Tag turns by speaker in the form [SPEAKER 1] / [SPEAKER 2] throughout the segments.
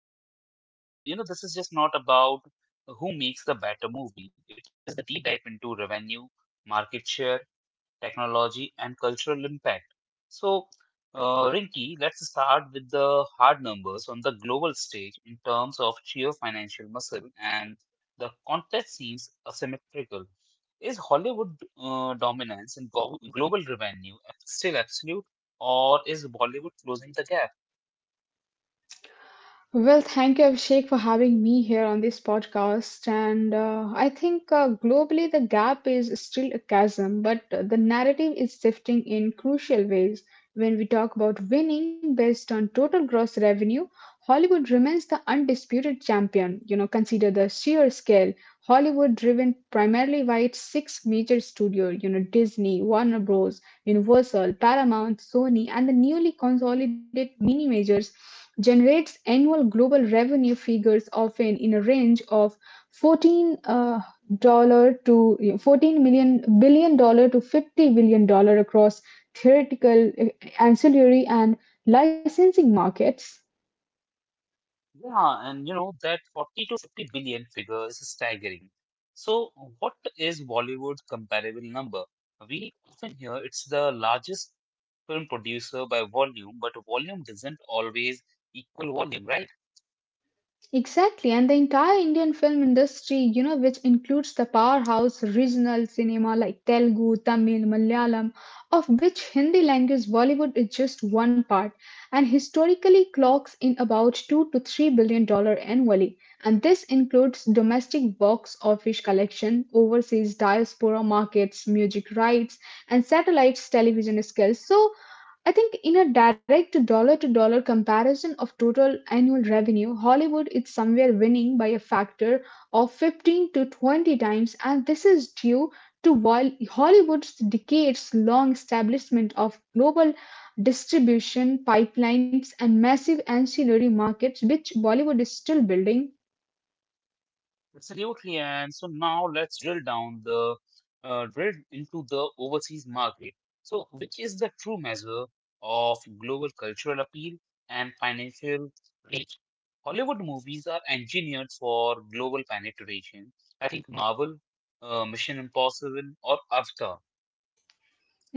[SPEAKER 1] So, this is just not about who makes the better movie, it is a deep dive into revenue, market share, technology, and cultural impact. So, Rinki, let's start with the hard numbers on the global stage in terms of sheer financial muscle, and the context seems asymmetrical. Is Hollywood dominance in global revenue still absolute, or is Bollywood closing the gap?
[SPEAKER 2] Well, thank you, Abhishek, for having me here on this podcast. And I think globally the gap is still a chasm, but the narrative is shifting in crucial ways. When we talk about winning based on total gross revenue, Hollywood remains the undisputed champion. You know, consider the sheer scale. Hollywood, driven primarily by its six major studios, you know, Disney, Warner Bros., Universal, Paramount, Sony, and the newly consolidated mini majors generates annual global revenue figures often in a range of 14 dollar to 14 million billion dollars to 50 billion dollars across theoretical ancillary and licensing markets.
[SPEAKER 1] Yeah, and you know that 40 to 50 billion figure is staggering. So, what is Bollywood's comparable number? We often hear it's the largest film producer by volume, but volume doesn't always equal volume, right?
[SPEAKER 2] Exactly, and the entire Indian film industry, you know, which includes the powerhouse regional cinema like Telugu, Tamil, Malayalam, of which Hindi language Bollywood is just one part, and historically clocks in about 2 to 3 billion dollars annually. And this includes domestic box office collection, overseas diaspora markets, music rights, and satellites television skills. So I think in a direct dollar to dollar comparison of total annual revenue, Hollywood is somewhere winning by a factor of 15 to 20 times, and this is due to while Hollywood's decades long establishment of global distribution pipelines and massive ancillary markets, which Bollywood is still building.
[SPEAKER 1] Absolutely, and so now let's drill into the overseas market. So, which is the true measure of global cultural appeal and financial reach? Hollywood movies are engineered for global penetration. I think Marvel, Mission Impossible, or Avatar.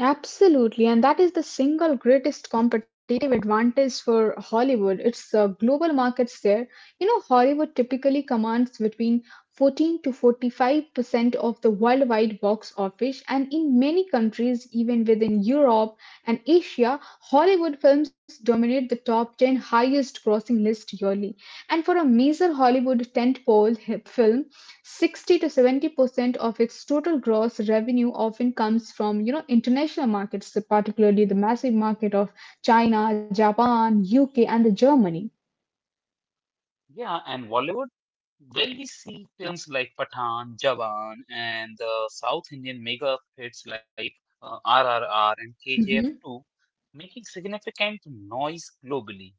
[SPEAKER 2] Absolutely, and that is the single greatest competitive advantage for Hollywood. It's global markets there. You know, Hollywood typically commands between 14 to 45% of the worldwide box office, and in many countries, even within Europe and Asia, Hollywood films dominate the top 10 highest grossing list yearly. And for a major Hollywood film, 60 to 70% of its total gross revenue often comes from, you know, international markets, particularly the massive market of china japan uk and the germany.
[SPEAKER 1] Yeah, and Bollywood. There we see films like Pathan, Jawan, and the South Indian mega hits like RRR and *KGF 2,
[SPEAKER 2] Mhm.
[SPEAKER 1] making significant noise globally.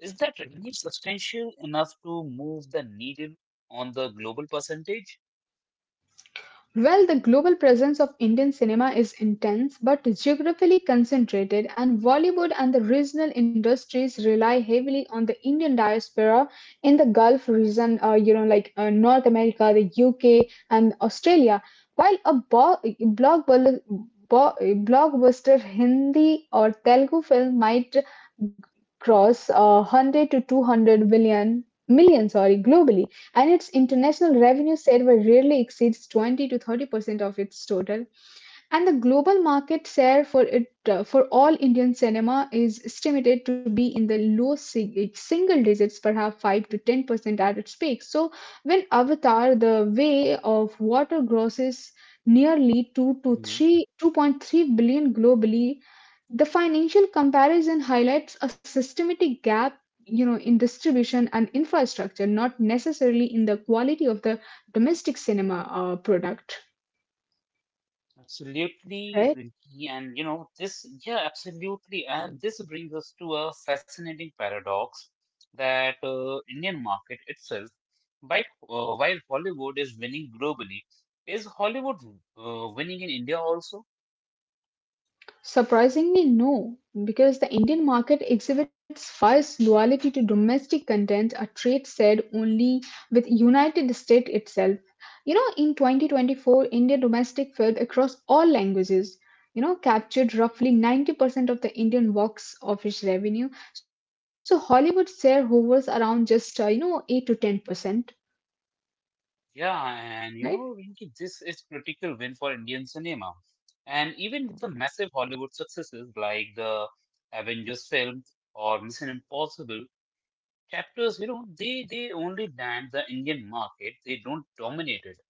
[SPEAKER 1] Is that revenue substantial enough to move the needle on the global percentage?
[SPEAKER 2] Well, the global presence of Indian cinema is intense but geographically concentrated, and Bollywood and the regional industries rely heavily on the Indian diaspora in the Gulf region, you know, like North America, the UK, and Australia. While a bo- blockbuster Hindi or Telugu film might cross 100 to 200 million sorry globally, and its international revenue share were rarely exceeds 20 to 30% of its total, and the global market share for it, for all Indian cinema, is estimated to be in the low single digits, perhaps 5 to 10% at its peak. So when Avatar The Way of Water grosses nearly 2 to 3 2.3 billion globally, the financial comparison highlights a systematic gap, you know, in distribution and infrastructure, not necessarily in the quality of the domestic cinema product, right?
[SPEAKER 1] Absolutely, Rinki. And you know this, yeah, absolutely, and this brings us to a fascinating paradox that, Indian market itself, by, while Hollywood is winning globally, is Hollywood winning in India also?
[SPEAKER 2] Surprisingly, no, because the Indian market exhibits fierce loyalty to domestic content, a trait shared only with United States itself. You know, in 2024, Indian domestic film across all languages, you know, captured roughly 90% of the Indian box office revenue. So Hollywood share hovers around just, you know, 8 to 10%.
[SPEAKER 1] Yeah, and you know, Rinki, this is critical win for Indian cinema, and even with the massive Hollywood successes like the Avengers film or Mission Impossible. Captors, you know, they only land the Indian market. They don't dominate it.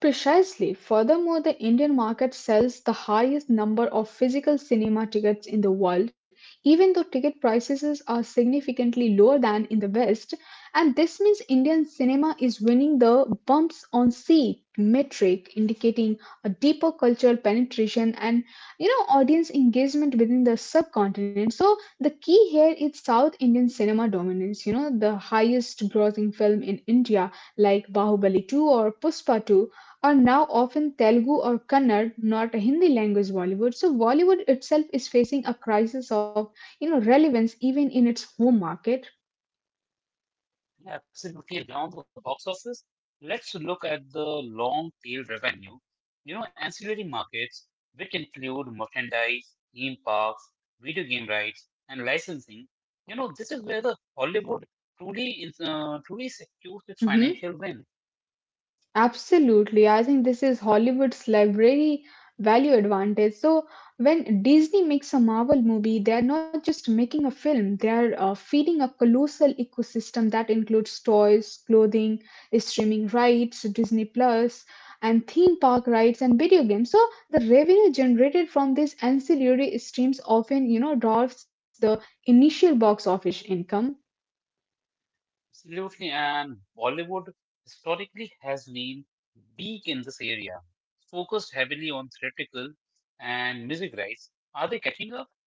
[SPEAKER 2] Precisely. Furthermore, the Indian market sells the highest number of physical cinema tickets in the world, even though ticket prices are significantly lower than in the West. And this means Indian cinema is winning the bumps on seat metric, indicating a deeper cultural penetration and, you know, audience engagement within the subcontinent. So the key here is South Indian cinema dominance. You know, the highest grossing film in India like Bahubali 2 or Puspa 2 are now often Telugu or Kannada, not a Hindi language Bollywood. So Bollywood itself is facing a crisis of, you know, relevance even in its home market.
[SPEAKER 1] Absolutely down the box office. Let's look at the long tail revenue. You know, ancillary markets, which include merchandise, theme parks, video game rights, and licensing. You know, this is where the Hollywood truly secures its
[SPEAKER 2] Mhm.
[SPEAKER 1] financial win.
[SPEAKER 2] Absolutely. I think this is Hollywood's library value advantage. So when Disney makes a Marvel movie, they are not just making a film, they are feeding a colossal ecosystem that includes toys, clothing, streaming rights, Disney Plus, and theme park rights and video games. So the revenue generated from these ancillary streams often, you know, dwarfs the initial box office income.
[SPEAKER 1] Absolutely, and Bollywood historically has been weak in this area, focused heavily on theatrical and music rights. Are they catching up?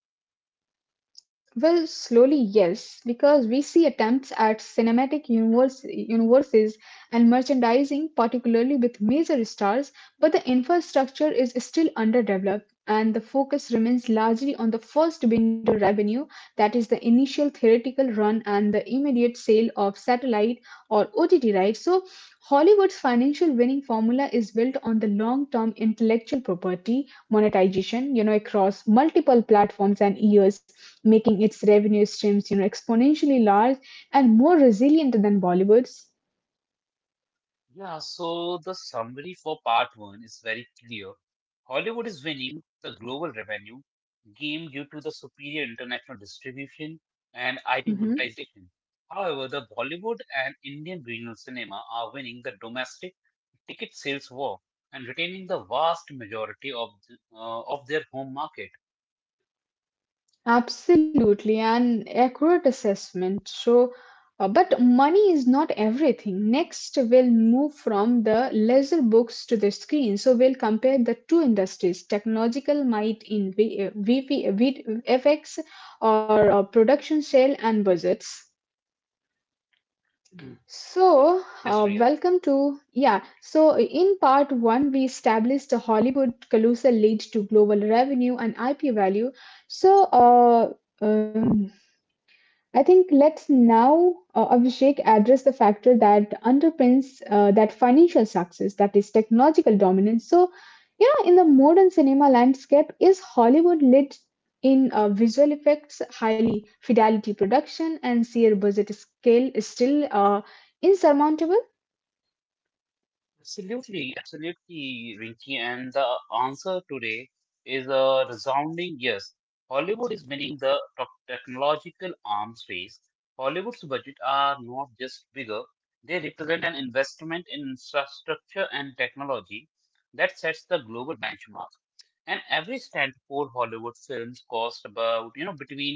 [SPEAKER 2] Well, slowly, yes, because we see attempts at universes and merchandising, particularly with major stars, but the infrastructure is still underdeveloped, and the focus remains largely on the first window revenue, that is, the initial theoretical run and the immediate sale of satellite or OTT rights. So, Hollywood's financial winning formula is built on the long term intellectual property monetization, you know, across multiple platforms and years, making its revenue streams, you know, exponentially large and more resilient than Bollywood's.
[SPEAKER 1] Yeah, so the summary for part one is very clear. Hollywood is winning the global revenue game due to the superior international distribution and IP
[SPEAKER 2] Hmm.
[SPEAKER 1] monetization. However, the Bollywood and Indian regional cinema are winning the domestic ticket sales were and retaining the vast majority of of their home market.
[SPEAKER 2] Absolutely, an accurate assessment. So, but money is not everything. Next, we'll move from the leisure books to the screen. So, we'll compare the two industries technological might in v- VP, V- F X or production sale and budgets.
[SPEAKER 1] Mm.
[SPEAKER 2] So,
[SPEAKER 1] Yes, Riya.
[SPEAKER 2] welcome to, yeah. So, in part one, we established the Hollywood colossal lead to global revenue and IP value. So, uh, I think let's now, Abhishek, address the factor that underpins that financial success, that is technological dominance. So, you know, in the modern cinema landscape, is Hollywood lit in visual effects, highly fidelity production, and sheer budget scale is still insurmountable?
[SPEAKER 1] Absolutely, absolutely, Rinki. And the answer today is a resounding yes. Hollywood is winning the top technological arms race. Hollywood's budget are not just bigger; they represent an investment in infrastructure and technology that sets the global benchmark. And every standalone Hollywood films cost about you know between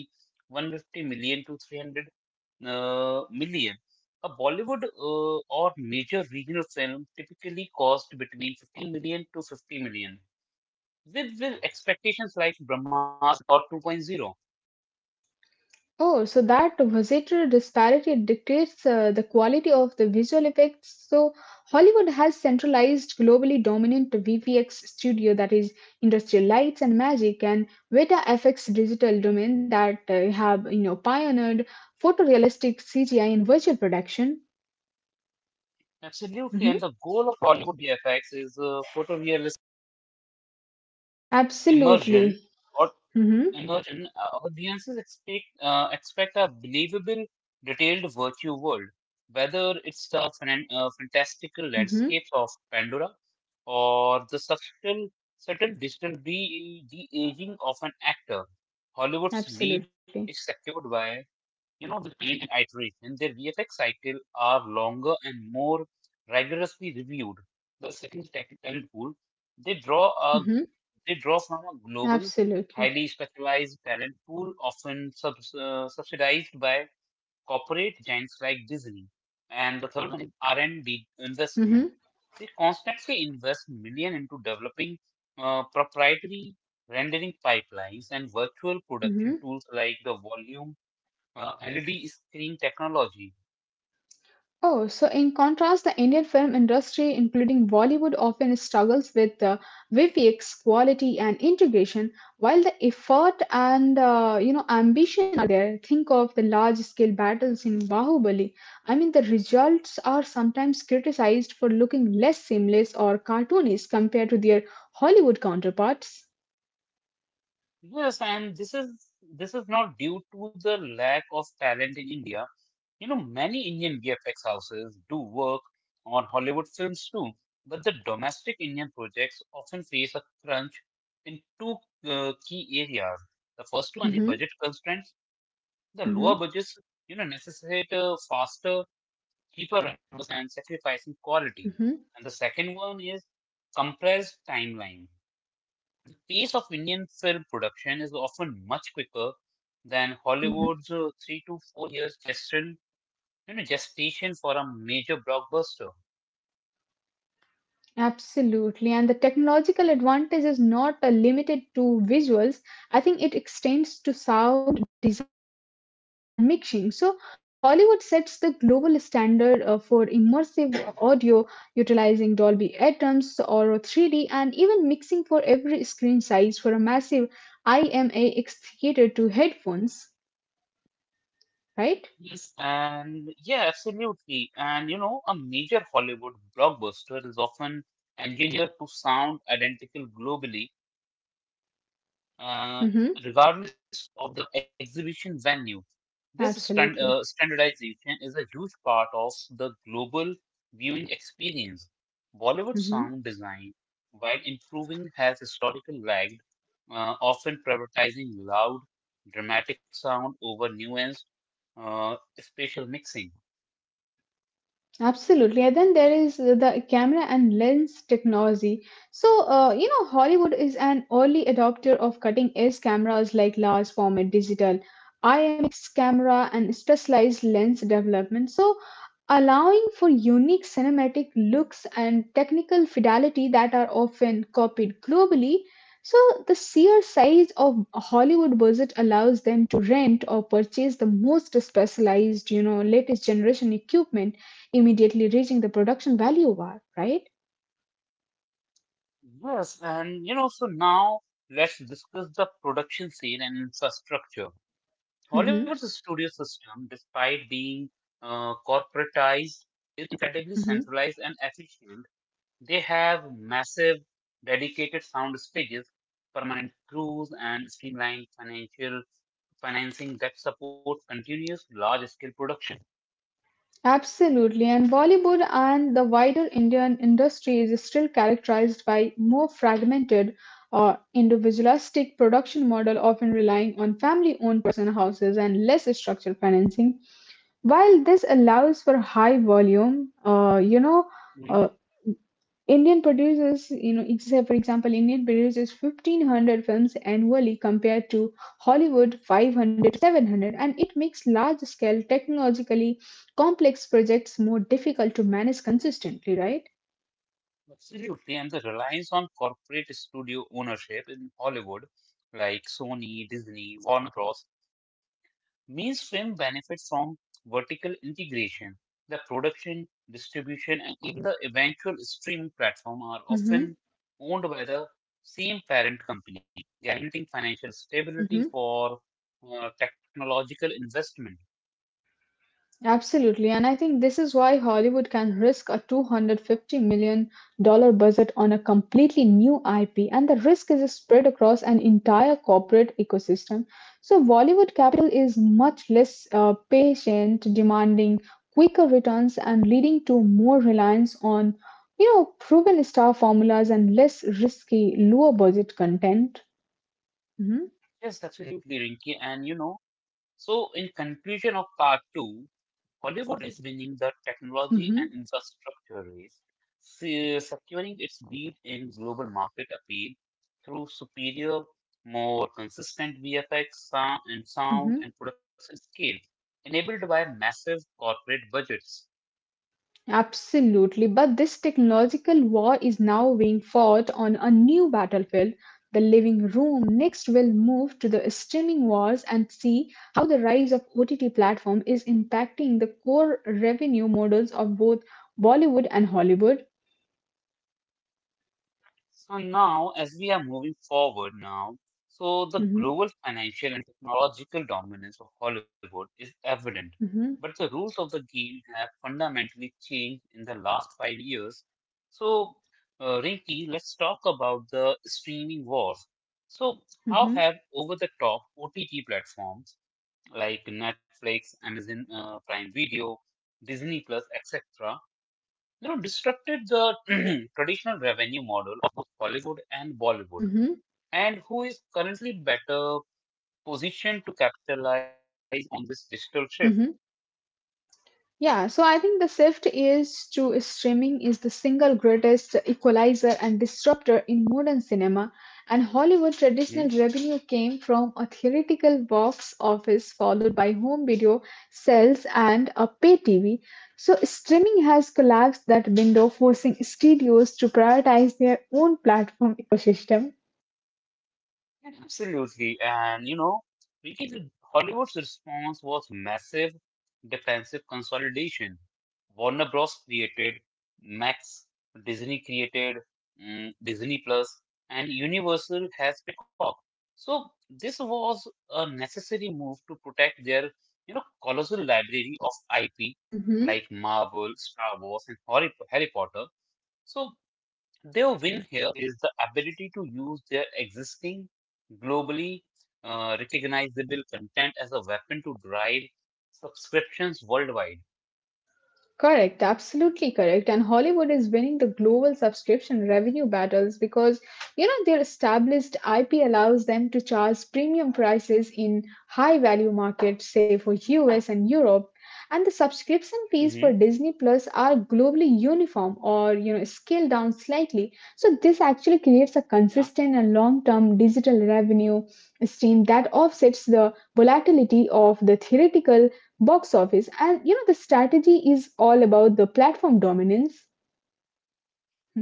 [SPEAKER 1] 150 million to 300 million. A Bollywood or major regional film typically cost between 15 million to 50 million, with expectations like Brahmas or two point zero.
[SPEAKER 2] Oh, so that visitor disparity dictates the quality of the visual effects. So Hollywood has centralized globally dominant VFX studio that is industrial lights and magic and Veta FX digital domain that have, you know, pioneered photorealistic CGI in virtual production.
[SPEAKER 1] Absolutely, and the
[SPEAKER 2] Mhm.
[SPEAKER 1] goal of Hollywood VFX is photorealistic immersion
[SPEAKER 2] Absolutely.
[SPEAKER 1] or
[SPEAKER 2] Hmm.
[SPEAKER 1] In audiences expect a believable, detailed virtue world, whether it's the fantastical
[SPEAKER 2] Hmm.
[SPEAKER 1] landscapes of Pandora or the subtle digital aging of an actor. Hollywood's lead
[SPEAKER 2] Absolutely.
[SPEAKER 1] is secured by, you know, the Paint and iteration, their VFX cycle are longer and more rigorously reviewed. The second technique talent pool, they draw a
[SPEAKER 2] Hmm.
[SPEAKER 1] they draw from a global,
[SPEAKER 2] Absolutely.
[SPEAKER 1] highly specialized talent pool, often subsidized by corporate giants like Disney. And the third one is R&D
[SPEAKER 2] Hmm.
[SPEAKER 1] investment. They constantly invest million into developing proprietary rendering pipelines and virtual production
[SPEAKER 2] Hmm.
[SPEAKER 1] tools like the Volume LED screen technology.
[SPEAKER 2] Oh, so in contrast, the Indian film industry, including Bollywood, often struggles with VFX quality and integration, while the effort and you know ambition are there. Think of the large-scale battles in Bahubali. I mean, the results are sometimes criticized for looking less seamless or cartoonish compared to their Hollywood counterparts.
[SPEAKER 1] Yes, and this is not due to the lack of talent in India. You know, many Indian VFX houses do work on Hollywood films too, but the domestic Indian projects often face a crunch in two key areas. The first one is
[SPEAKER 2] Hmm.
[SPEAKER 1] budget constraints. The lower
[SPEAKER 2] Hmm.
[SPEAKER 1] budgets, you know, necessitate faster, cheaper runs and sacrificing
[SPEAKER 2] Hmm.
[SPEAKER 1] quality. And the second one is compressed timeline. The pace of Indian film production is often much quicker than Hollywood's 3 to 4 years gestation, for a major blockbuster.
[SPEAKER 2] Absolutely. And the technological advantage is not limited to visuals. I think it extends to sound, design, and mixing. So, Hollywood sets the global standard for immersive audio utilizing Dolby Atmos or 3D and even mixing for every screen size for a massive IMAX theater to headphones, right?
[SPEAKER 1] Yes. And yeah, absolutely. And you know, a major Hollywood blockbuster is often engineered to sound identical globally, uh,
[SPEAKER 2] Mm-hmm.
[SPEAKER 1] regardless of the exhibition venue. This
[SPEAKER 2] Absolutely.
[SPEAKER 1] standardization is a huge part of the global viewing experience. Bollywood
[SPEAKER 2] Mhm.
[SPEAKER 1] sound design while improving has historically lagged, often prioritizing loud, dramatic sound over nuanced uh, spatial mixing.
[SPEAKER 2] Absolutely, and then there is the camera and lens technology. So, you know, Hollywood is an early adopter of cutting-edge cameras like large format digital IMX camera and specialized lens development. So, allowing for unique cinematic looks and technical fidelity that are often copied globally. So, the sheer size of Hollywood budget allows them to rent or purchase the most specialized, you know, latest generation equipment, immediately reaching the production value war, right?
[SPEAKER 1] Yes, and you know, so now let's discuss the production scene and infrastructure.
[SPEAKER 2] Mm-hmm.
[SPEAKER 1] Hollywood's studio system, despite being corporatized, is incredibly
[SPEAKER 2] Mm-hmm.
[SPEAKER 1] centralized and efficient. They have massive dedicated sound stages permanent crews, and streamlined financial financing that supports continuous large-scale
[SPEAKER 2] Absolutely. And Bollywood and the wider Indian industry is still characterized by more fragmented or individualistic production model, often relying on family owned production houses and less structured financing. While this allows for high volume, you know, uh,
[SPEAKER 1] production.
[SPEAKER 2] Indian produces, you know, for example, Indian produces 1500 films annually compared to Hollywood 500, 700, and it makes large scale, technologically complex projects more difficult to manage consistently, right?
[SPEAKER 1] Absolutely, and the reliance on corporate studio ownership in Hollywood, like Sony, Disney, Warner Bros., means film benefits from vertical integration. The production, distribution, and even the eventual streaming platform are often
[SPEAKER 2] Mm-hmm.
[SPEAKER 1] owned by the same parent company, guaranteeing financial
[SPEAKER 2] Mm-hmm.
[SPEAKER 1] stability for technological investment.
[SPEAKER 2] Absolutely, and I think this is why Hollywood can risk a $250 million dollar budget on a completely new IP, and the risk is spread across an entire corporate ecosystem. So, Bollywood capital is much less patient, demanding quicker returns, and leading to more reliance on, you know, proven star formulas and less risky, lower budget content. Hmm.
[SPEAKER 1] Yes, that's absolutely Rinky. And you know, so in conclusion of part two, Hollywood is winning the technology
[SPEAKER 2] Hmm.
[SPEAKER 1] and infrastructure race, securing its lead in global market appeal through superior, more consistent VFX sound
[SPEAKER 2] Hmm.
[SPEAKER 1] and production scale, enabled by massive corporate budgets.
[SPEAKER 2] Absolutely, but this technological war is now being fought on a new battlefield. The living room next will move to the streaming wars and see how the rise of OTT platform is impacting the core revenue models of both Bollywood and Hollywood.
[SPEAKER 1] So now, as we are moving forward now, so the
[SPEAKER 2] Mhm,
[SPEAKER 1] global financial and technological dominance of Hollywood is evident,
[SPEAKER 2] mhm,
[SPEAKER 1] but the rules of the game have fundamentally changed in the last 5 years. So, Rinki, let's talk about the streaming wars. So, how
[SPEAKER 2] mhm,
[SPEAKER 1] have over-the-top OTT platforms like Netflix, Amazon Prime Video, Disney Plus, etc., you know, disrupted the traditional revenue model of Hollywood and
[SPEAKER 2] mhm,
[SPEAKER 1] Bollywood, and who is currently better positioned to capitalize on this digital shift?
[SPEAKER 2] mhm. Yeah, so I think the shift is to streaming is the single greatest equalizer and disruptor in modern cinema, and Hollywood traditional
[SPEAKER 1] Hmm?
[SPEAKER 2] revenue came from a theoretical box office followed by home video sales and a pay TV. So streaming has collapsed that window, forcing studios to prioritize their own platform ecosystem.
[SPEAKER 1] Absolutely. And, you know, really, Hollywood's response was massive defensive consolidation. Warner Bros. Created Max, Disney created Disney Plus, and Universal has Peacock. So this was a necessary move to protect their, you know, colossal library of IP like Marvel, Star Wars, and Harry Potter. So their win here is the ability to use their existing globally recognizable content as a weapon to drive subscriptions worldwide.
[SPEAKER 2] Correct, absolutely correct. And Hollywood is winning the global subscription revenue battles because, you know, their established IP allows them to charge premium prices in high value markets, say for US and Europe. And the subscription fees for
[SPEAKER 1] Hmm.
[SPEAKER 2] Disney Plus are globally uniform or, you know, scaled down slightly. So this actually creates a consistent and long term digital revenue stream that offsets the volatility of the theoretical box office, and you know the strategy is all about the platform dominance.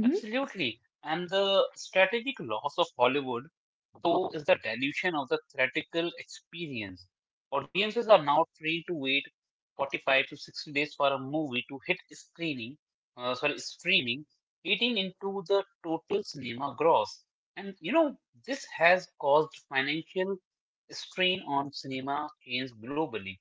[SPEAKER 2] Mhm.
[SPEAKER 1] Absolutely. And the strategic loss of Hollywood, though, is the dilution of the theatrical experience. Audiences are now trained to wait 45 to 60 days for a movie to hit streaming, eating into the total cinema gross. And, you know, this has caused financial strain on cinema chains globally.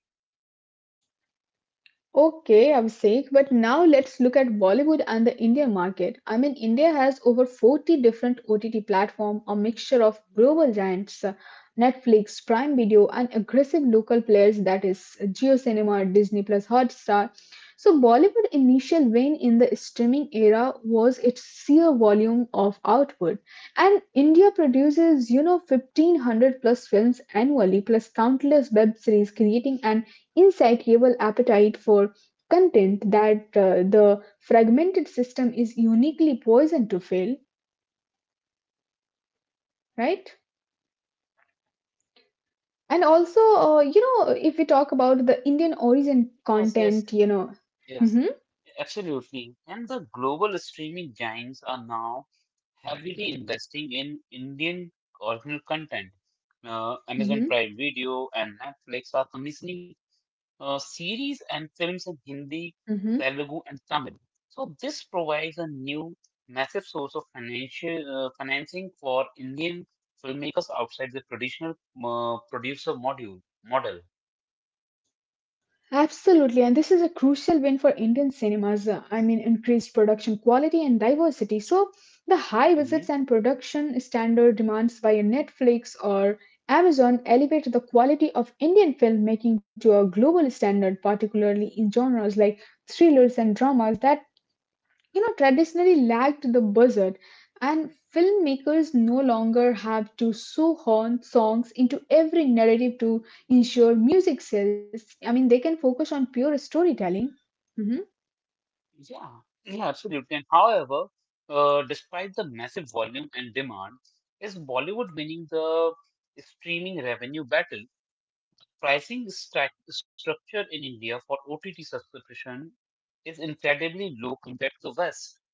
[SPEAKER 2] Okay, Abhishek, but now let's look at Bollywood and the India market. I mean, India has over 40 different OTT platforms, a mixture of global giants, Netflix, Prime Video, and aggressive local players that is Jio Cinema, Disney Plus, Hotstar. So, Bollywood initial win in the streaming era was its sheer volume of output. And India produces, you know, 1500 plus films annually, plus countless web series, creating an insatiable appetite for content that the fragmented system is uniquely poisoned to fill, right? And also, you know, if we talk about the Indian origin
[SPEAKER 1] Yes, yes,
[SPEAKER 2] content, you know, hmm
[SPEAKER 1] yes, absolutely. And the global streaming giants are now heavily investing in Indian original content. Amazon
[SPEAKER 2] hmm
[SPEAKER 1] Prime Video and Netflix are commissioning series and films in Hindi, Telugu, and Tamil. So this provides a new massive source of financial financing for Indian filmmakers outside the traditional producer module model.
[SPEAKER 2] absolutely, and this is a crucial win for Indian cinemas. I mean, increased production quality and diversity. So, the high visits and
[SPEAKER 1] Mm-hmm.
[SPEAKER 2] production standard demands by a Netflix or Amazon elevate the quality of Indian filmmaking to a global standard, particularly in genres like thrillers and dramas that traditionally lacked the buzzard and filmmakers no longer have to shoehorn songs into every narrative to ensure music sales. I mean, they can focus on pure storytelling. Mhm.
[SPEAKER 1] Yeah, yeah, absolutely. And however, despite the massive volume and demand, is Bollywood winning the streaming revenue battle? Pricing stack structure in India for OTT subscription is incredibly low compared to West.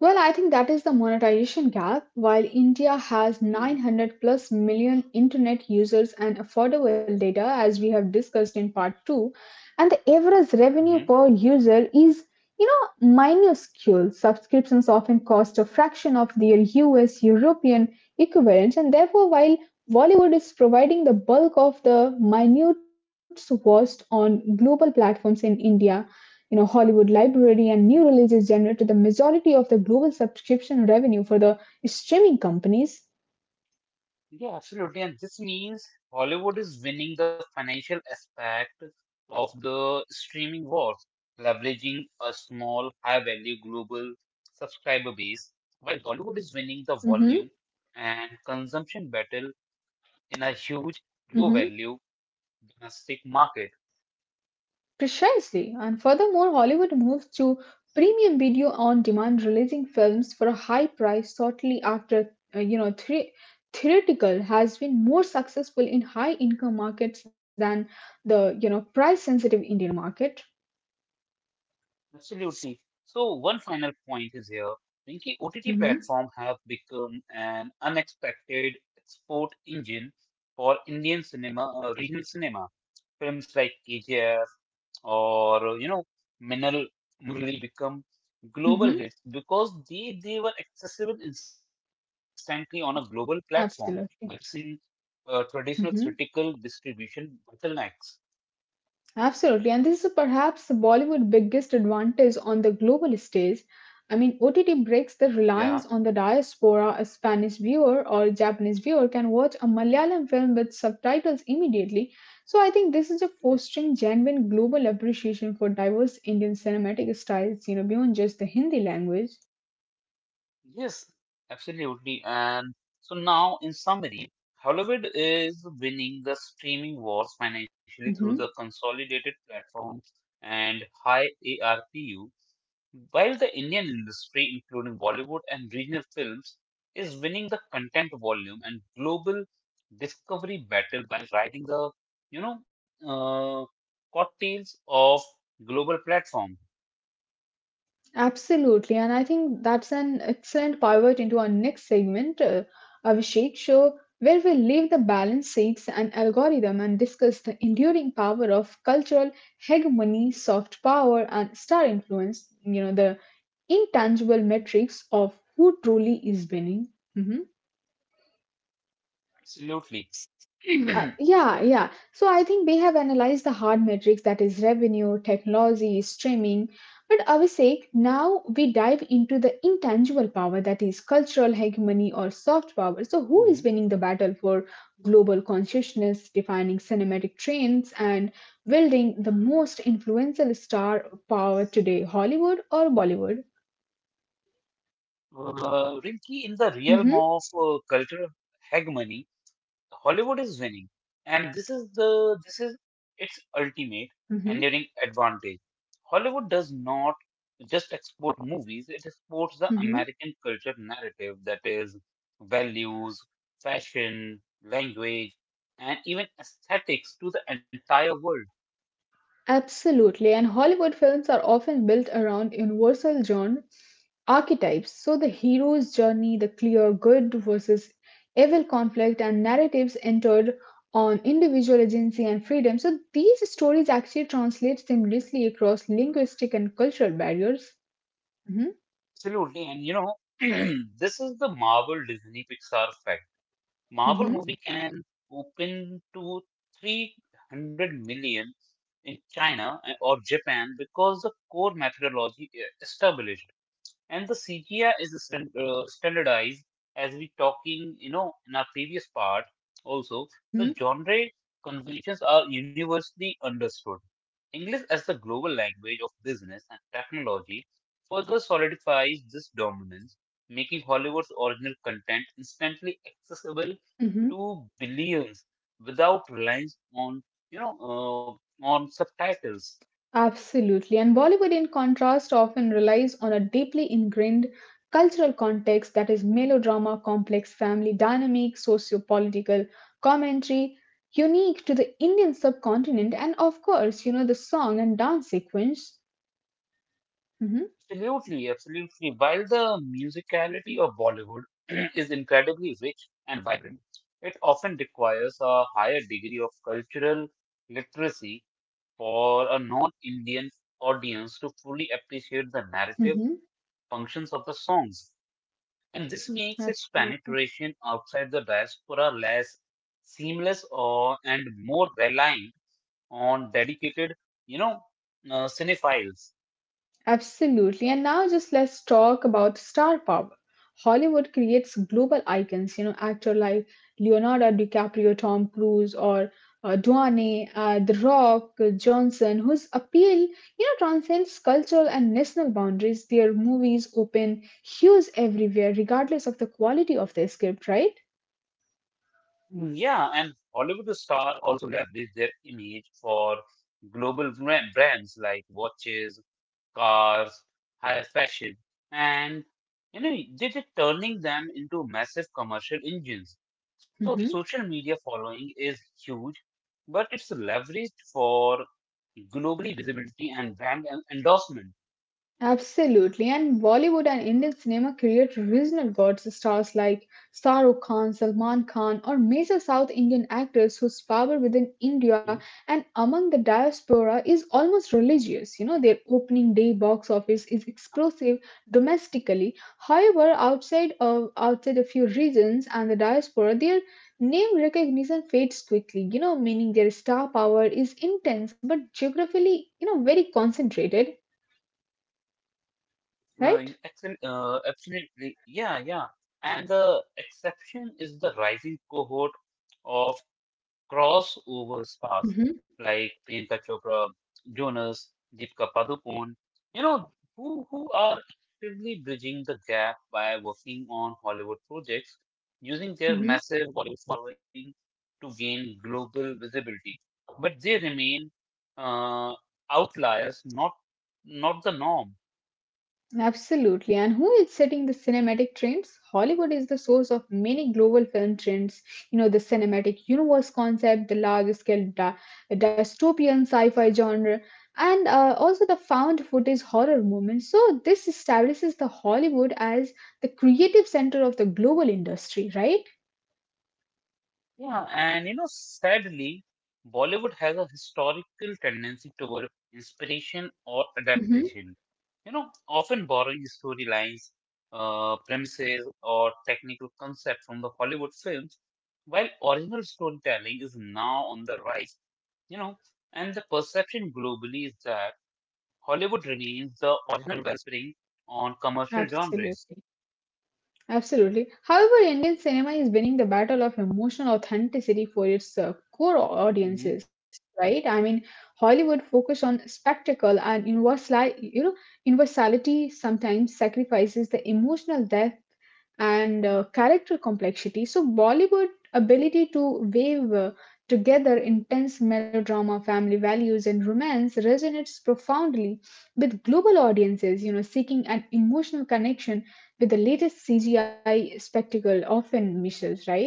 [SPEAKER 2] Well, I think that is the monetization gap. While India has
[SPEAKER 1] Mhm.
[SPEAKER 2] 900 plus million internet users and affordable data, as we have discussed in part 2, and the average revenue per user is, you know, minuscule. Subscriptions often cost a fraction of their US European equivalents, and therefore, while Bollywood is providing the bulk of the minute watched on global platforms in India, you know, Hollywood library and new releases generated the majority of the global subscription revenue for the streaming companies.
[SPEAKER 1] Yeah, absolutely. And this means Hollywood is winning the financial aspect of the streaming war, leveraging a small, high-value global subscriber base, while Bollywood is winning the
[SPEAKER 2] Hmm.
[SPEAKER 1] volume and consumption battle in a huge,
[SPEAKER 2] Hmm.
[SPEAKER 1] low-value domestic market.
[SPEAKER 2] Precisely. And furthermore, Hollywood moved to premium video on demand, releasing films for a high price shortly after, you know, three. Theoretical has been more successful in high income markets than the, you know, price sensitive Indian market.
[SPEAKER 1] Absolutely. So one final point is here. Rinki, OTT
[SPEAKER 2] Hmm.
[SPEAKER 1] platform have become an unexpected export engine for Indian cinema, regional cinema. Films like KGF or, you know, Minal really become global
[SPEAKER 2] Hmm.
[SPEAKER 1] hits because they were accessible instantly on a global platform,
[SPEAKER 2] Absolutely.
[SPEAKER 1] missing traditional
[SPEAKER 2] Mm-hmm.
[SPEAKER 1] critical distribution bottlenecks.
[SPEAKER 2] Absolutely, and this is perhaps the Bollywood biggest advantage on the global stage. I mean, OTT breaks the
[SPEAKER 1] Yeah,
[SPEAKER 2] reliance on the diaspora. A Spanish viewer or Japanese viewer can watch a Malayalam film with subtitles immediately. So, I think this is a
[SPEAKER 1] yes,
[SPEAKER 2] fostering genuine global appreciation for diverse Indian cinematic styles, you know, beyond just the Hindi language.
[SPEAKER 1] yes, absolutely. And so now, in summary, Hollywood is winning the streaming wars financially through the
[SPEAKER 2] Mhm.
[SPEAKER 1] consolidated platforms and high ARPU. While the Indian industry, including Bollywood and regional films, is winning the content volume and global discovery battle by riding the, you know, uh, coattails of global platform.
[SPEAKER 2] Absolutely, and I think that's an excellent pivot into our next segment, Abhishek Show, where we leave the balance seeks and algorithm and discuss the enduring power of cultural hegemony, soft power, and star influence. You know, the intangible metrics of who truly is winning. Mm-hmm.
[SPEAKER 1] Absolutely.
[SPEAKER 2] Yeah, yeah. So I think they have analyzed the hard metrics that is revenue, technology, streaming. But Abhishek, now we dive into the intangible power that is cultural hegemony or soft power. So who is
[SPEAKER 1] Mhm.
[SPEAKER 2] winning the battle for global consciousness, defining cinematic trends, and building the most influential star power today, Hollywood or Bollywood?
[SPEAKER 1] Rinki, in the realm
[SPEAKER 2] Mm-hmm,
[SPEAKER 1] of cultural hegemony, Hollywood is winning, and this is its ultimate enduring
[SPEAKER 2] mm-hmm,
[SPEAKER 1] advantage. Hollywood does not just export movies; it exports the
[SPEAKER 2] mm-hmm.
[SPEAKER 1] American culture narrative that is values, fashion, language, and even aesthetics to the entire world.
[SPEAKER 2] Absolutely. And Hollywood films are often built around universal genre archetypes. So the hero's journey, the clear good versus evil conflict, and narratives entered on individual agency and freedom. So these stories actually translate seamlessly across linguistic and cultural barriers. Hmm.
[SPEAKER 1] Absolutely, and you know this is the Marvel Disney Pixar effect. Marvel
[SPEAKER 2] Hmm.
[SPEAKER 1] movie can open to 300 million in China or Japan because the core methodology established and the CGI is standardized, as we talking you know in our previous part also. The
[SPEAKER 2] Hmm.
[SPEAKER 1] genre conventions are universally understood. English as the global language of business and technology further solidifies this dominance, making Hollywood's original content instantly accessible
[SPEAKER 2] Hmm.
[SPEAKER 1] to billions without reliance on, you know, on subtitles.
[SPEAKER 2] Absolutely. And Bollywood, in contrast, often relies on a deeply ingrained cultural context that is melodrama, complex family dynamics, socio political commentary, unique to the Indian subcontinent, and of course, you know, the song and dance sequence. Hmm.
[SPEAKER 1] Absolutely, absolutely. While the musicality of Bollywood is incredibly rich and vibrant, it often requires a higher degree of cultural literacy for a non-Indian audience to fully appreciate the narrative
[SPEAKER 2] Hmm.
[SPEAKER 1] functions of the songs. And this makes its
[SPEAKER 2] Absolutely.
[SPEAKER 1] penetration outside the diaspora less seamless or and more reliant on dedicated, you know, cinephiles.
[SPEAKER 2] Absolutely. And now just let's talk about star power. Hollywood creates global icons, you know, actor like Leonardo DiCaprio, Tom Cruise, or Duane, The Rock, Johnson, whose appeal, you know, transcends cultural and national boundaries. Their movies open hues everywhere, regardless of the quality of the script, right?
[SPEAKER 1] Yeah, and Hollywood stars also leverage their image for brands like watches, cars, high fashion, and you know they're just turning them into massive commercial engines. So the
[SPEAKER 2] Mhm.
[SPEAKER 1] social media following is huge, but it's leveraged for globally visibility and endorsement.
[SPEAKER 2] Absolutely, and Bollywood and Indian cinema create regional gods, stars like Shah Khan, Salman Khan, or major South Indian actors whose power within India and among the diaspora is almost religious. You know, their opening day box office is explosive domestically. However, outside a few regions and the diaspora, their name recognition fades quickly. You know, meaning their star power is intense but geographically, you know, very concentrated, right?
[SPEAKER 1] Absolutely, yeah, yeah. And the exception is the rising cohort of crossover stars like Priyanka Chopra, Jonas, Deepika Padukone, you know, who are actively bridging the gap by working on Hollywood projects, using their
[SPEAKER 2] Mhm.
[SPEAKER 1] massive Bollywood following to gain global visibility. But they remain uh, outliers, not the norm.
[SPEAKER 2] Absolutely. And who is setting the cinematic trends? Hollywood is the source of many global film trends. You know, the cinematic universe concept, the large scale dystopian sci fi genre, and also the found footage horror movement. So, this establishes the Hollywood as the creative center of the global industry, right?
[SPEAKER 1] Yeah, and you know, sadly, Bollywood has a historical tendency toward inspiration or
[SPEAKER 2] Hmm.
[SPEAKER 1] adaptation. You know, often borrowing storylines, premises, or technical concepts from the Hollywood films, while original storytelling is now on the rise. You know, and the perception globally is that Hollywood remains the original wellspring on commercial
[SPEAKER 2] Absolutely.
[SPEAKER 1] genres.
[SPEAKER 2] Absolutely. However, Indian cinema is winning the battle of emotional authenticity for its core
[SPEAKER 1] Mm-hmm.
[SPEAKER 2] audiences, right? I mean, Hollywood focus on spectacle and universal, universality sometimes sacrifices the emotional depth and character complexity. So Bollywood ability to weave together intense melodrama, family values, and romance resonates profoundly with global audiences. You know, seeking an emotional connection with the latest CGI spectacle often misses. Right?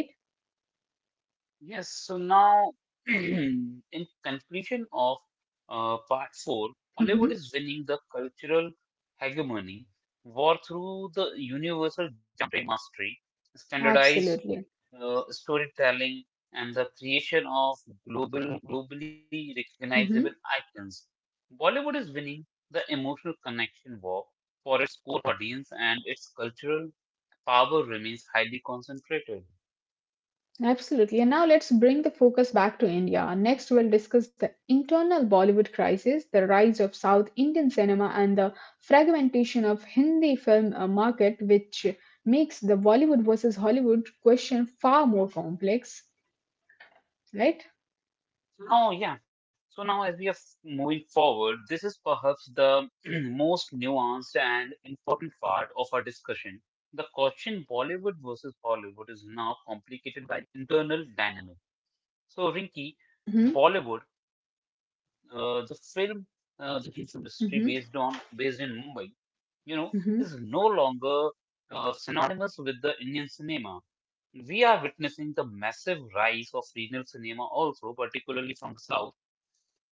[SPEAKER 1] Yes, so now, in conclusion of part four,
[SPEAKER 2] Hmm.
[SPEAKER 1] Hollywood is winning the cultural hegemony war through the universal genre mastery, standardized
[SPEAKER 2] Absolutely.
[SPEAKER 1] storytelling, and the creation of globally recognizable
[SPEAKER 2] Hmm.
[SPEAKER 1] icons. Bollywood is winning the emotional connection war for its core audience, and its cultural power remains highly concentrated.
[SPEAKER 2] Absolutely. And now let's bring the focus back to India. Next, we'll discuss the internal Bollywood crisis, the rise of South Indian cinema, and the fragmentation of Hindi film market, which makes the Bollywood versus Hollywood question far more complex. Right?
[SPEAKER 1] Oh, yeah. So now, as we are moving forward, this is perhaps the most nuanced and important part of our discussion. The question Bollywood versus Hollywood is now complicated by internal dynamic. So, Rinki,
[SPEAKER 2] Mm-hmm.
[SPEAKER 1] Bollywood, uh, the film, the film industry
[SPEAKER 2] Mm-hmm.
[SPEAKER 1] based in Mumbai, you know,
[SPEAKER 2] Mm-hmm.
[SPEAKER 1] is no longer synonymous with the Indian cinema. We are witnessing the massive rise of regional cinema, also particularly from the south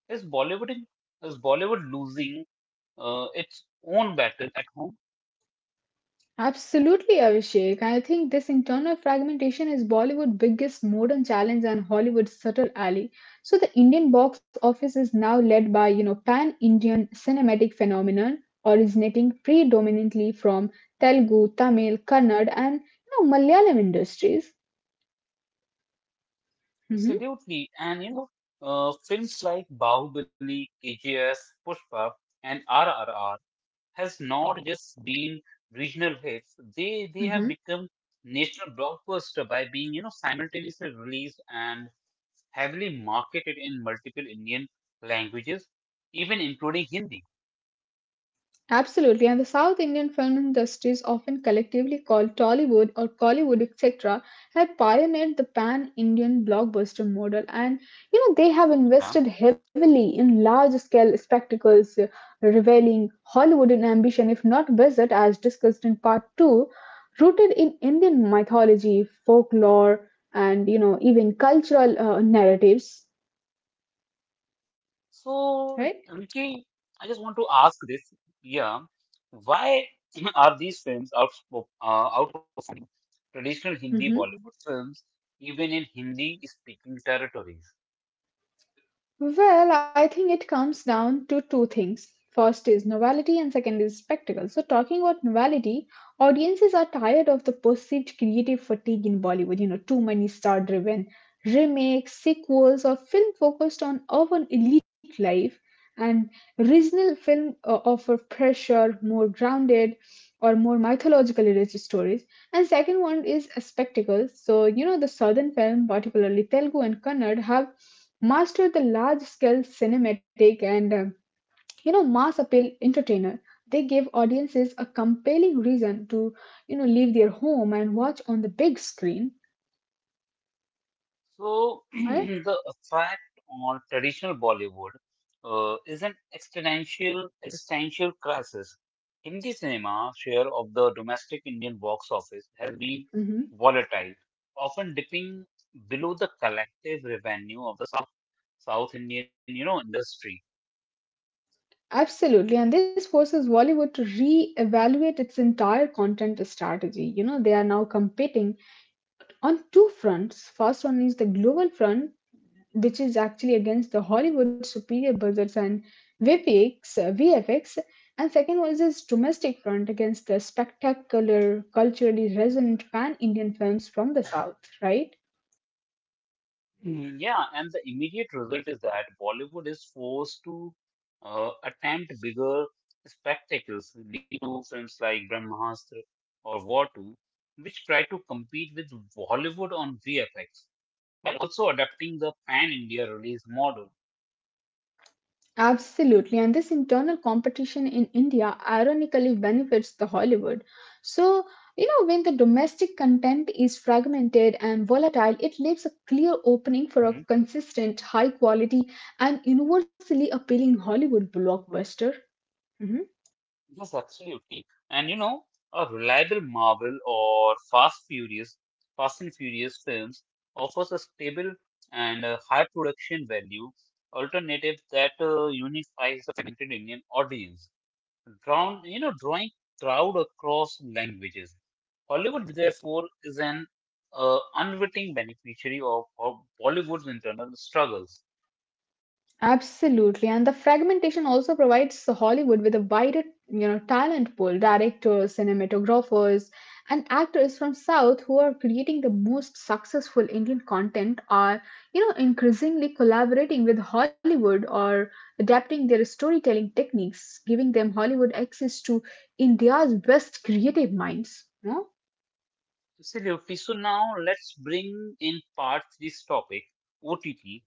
[SPEAKER 1] is Bollywood in, is Bollywood losing its own battle at home?
[SPEAKER 2] Absolutely, Abhishek. I think this internal fragmentation is Bollywood's biggest modern challenge and Hollywood's subtle ally. So the Indian box office is now led by, you know, pan-Indian cinematic phenomenon originating predominantly from Telugu, Tamil, Kannada, and, you know, Malayalam industries. Hmm.
[SPEAKER 1] Absolutely. And you know, films like Bahubali, KGS, Pushpa, and RRR has not just been regional hits. They have become national blockbuster by being you know simultaneously released and heavily marketed in multiple Indian languages, even including Hindi.
[SPEAKER 2] Absolutely, and the South Indian film industries, often collectively called Tollywood or Collywood, etc., have pioneered the pan Indian blockbuster model. And you know, they have invested
[SPEAKER 1] Yeah.
[SPEAKER 2] heavily in large scale spectacles, revealing Hollywoodian ambition, if not visit, as discussed in part two, rooted in Indian mythology, folklore, and you know, even cultural narratives,
[SPEAKER 1] So,
[SPEAKER 2] right?
[SPEAKER 1] Rinki, I just want to ask this, yeah, why are these films out outperforming traditional Hindi
[SPEAKER 2] Mm-hmm.
[SPEAKER 1] Bollywood films even in Hindi-speaking territories?
[SPEAKER 2] Well, I think it comes down to two things. First is novelty, and second is spectacle. So, talking about novelty, audiences are tired of the perceived creative fatigue in Bollywood. You know, too many star driven remakes, sequels, or film focused on urban elite life. And regional film offer fresher, more grounded, or more mythologically rich stories. And second one is a spectacle. So, you know, the southern film, particularly Telugu and Kannada, have mastered the large scale cinematic and, you know, mass appeal entertainer. They gave audiences a compelling reason to, you know, leave their home and watch on the big screen,
[SPEAKER 1] So
[SPEAKER 2] right?
[SPEAKER 1] the effect on traditional Bollywood is an existential crisis. Hindi cinema share of the domestic Indian box office has been
[SPEAKER 2] Mhm.
[SPEAKER 1] volatile, often dipping below the collective revenue of the South Indian, you know, industry.
[SPEAKER 2] Absolutely, and this forces Bollywood to re-evaluate its entire content strategy. You know, they are now competing on two fronts. First one is the global front, which is actually against the Hollywood superior budgets and VFX. And second was his domestic front against the spectacular, culturally resonant pan Indian films from the South, right?
[SPEAKER 1] Yeah, and the immediate result is that Bollywood is forced to attempt bigger spectacles, leading to films like Brahmastra or Watu, which try to compete with Bollywood on VFX, while also adapting the pan-India release model.
[SPEAKER 2] Absolutely. And this internal competition in India ironically benefits the Hollywood. So, you know, when the domestic content is fragmented and volatile, it leaves a clear opening for a consistent, high quality, and universally appealing Hollywood blockbuster. Mm-hmm.
[SPEAKER 1] Yes, absolutely. And you know, a reliable Marvel or Fast and Furious films offers a stable and high production value alternative that unifies the fragmented Indian audience, drawn you know drawing crowd across languages. Hollywood therefore is an unwitting beneficiary of Bollywood's internal struggles.
[SPEAKER 2] Absolutely, and the fragmentation also provides Hollywood with a wider, you know, talent pool, directors, cinematographers, and actors from South who are creating the most successful Indian content are, you know, increasingly collaborating with Hollywood or adapting their storytelling techniques, giving them Hollywood access to India's best creative minds, you know?
[SPEAKER 1] Absolutely. So now let's bring in part this topic, OTT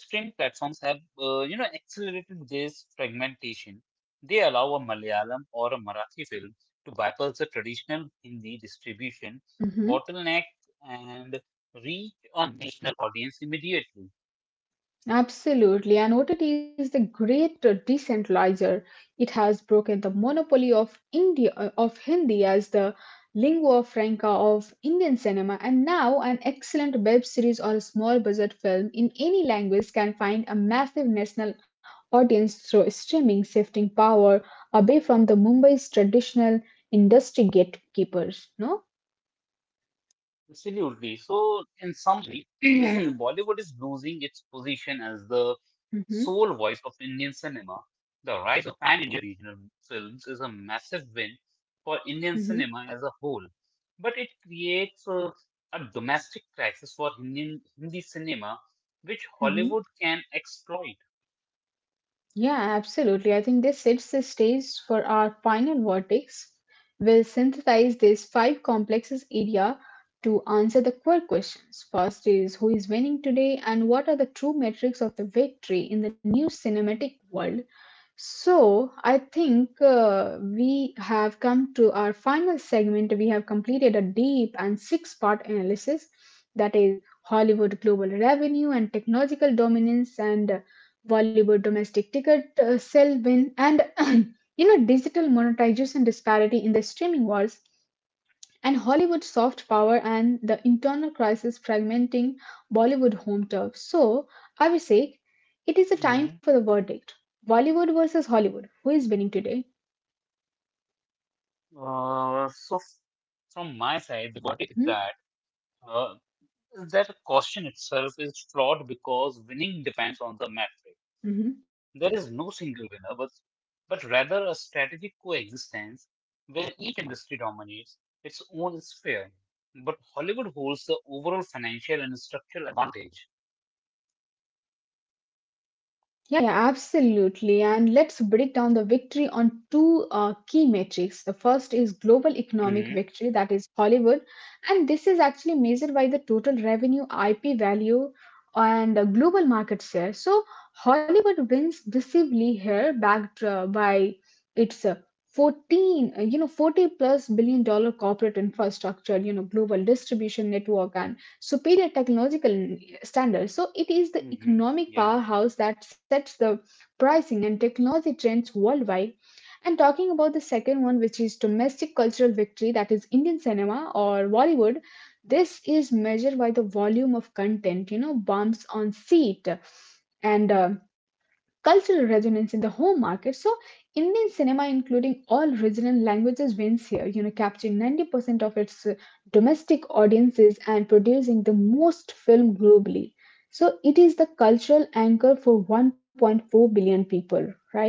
[SPEAKER 1] streaming platforms have, you know, accelerated this fragmentation. They allow a Malayalam or a Marathi film to bypass the traditional Hindi distribution
[SPEAKER 2] Mm-hmm.
[SPEAKER 1] bottleneck and reach a national audience immediately.
[SPEAKER 2] Absolutely, and OTT is the great decentralizer. It has broken the monopoly of Hindi as the lingua franca of Indian cinema, and now an excellent web series or a small budget film in any language can find a massive national audience through streaming, shifting power away from the Mumbai's traditional industry gatekeepers. No.
[SPEAKER 1] Absolutely. So, in some way, Bollywood is losing its position as the
[SPEAKER 2] Mm-hmm.
[SPEAKER 1] sole voice of Indian cinema. The rise of pan-India regional films is a massive win for Indian
[SPEAKER 2] Hmm.
[SPEAKER 1] cinema as a whole, but it creates a domestic crisis for Hindi cinema, which Hollywood
[SPEAKER 2] Hmm.
[SPEAKER 1] can exploit.
[SPEAKER 2] Yeah, absolutely. I think this sets the stage for our final verdict. We'll synthesize these five complexes area to answer the core questions. First is who is winning today and what are the true metrics of the victory in the new cinematic world? So, I think we have come to our final segment. We have completed a deep and six-part analysis that is Hollywood global revenue and technological dominance, and Bollywood domestic ticket sale win, and you know, digital monetization disparity in the streaming wars and Hollywood's soft power and the internal crisis fragmenting Bollywood home turf. So, I will say it is a time for
[SPEAKER 1] Mhm.
[SPEAKER 2] the verdict. Bollywood versus Hollywood. Who is winning today?
[SPEAKER 1] Uh, so, f- from my side, the verdict
[SPEAKER 2] Hmm?
[SPEAKER 1] is uh, that the question itself is flawed because winning depends on the metric.
[SPEAKER 2] Mhm.
[SPEAKER 1] There is no single winner, but rather a strategic coexistence where each industry dominates its own sphere. But Hollywood holds the overall financial and structural advantage.
[SPEAKER 2] Yeah, yeah, absolutely. And let's break down the victory on two key metrics. The first is global economic
[SPEAKER 1] Hmm
[SPEAKER 2] victory, that is Hollywood. And this is actually measured by the total revenue, IP value, and global market share. So Hollywood wins decisively here, backed by its you know, 40 plus billion dollar corporate infrastructure, you know, global distribution network, and superior technological standards. So it is the
[SPEAKER 1] hmm
[SPEAKER 2] economic
[SPEAKER 1] Yeah.
[SPEAKER 2] powerhouse that sets the pricing and technology trends worldwide. And talking about the second one, which is domestic cultural victory, that is Indian cinema or Bollywood. This is measured by the volume of content, you know, bumps on seat and, cultural resonance in the home market. So Indian cinema, including all regional languages, wins here. You know, capturing 90% of its domestic audiences and producing the most film globally. So it is the cultural anchor for 1.4 billion people, right?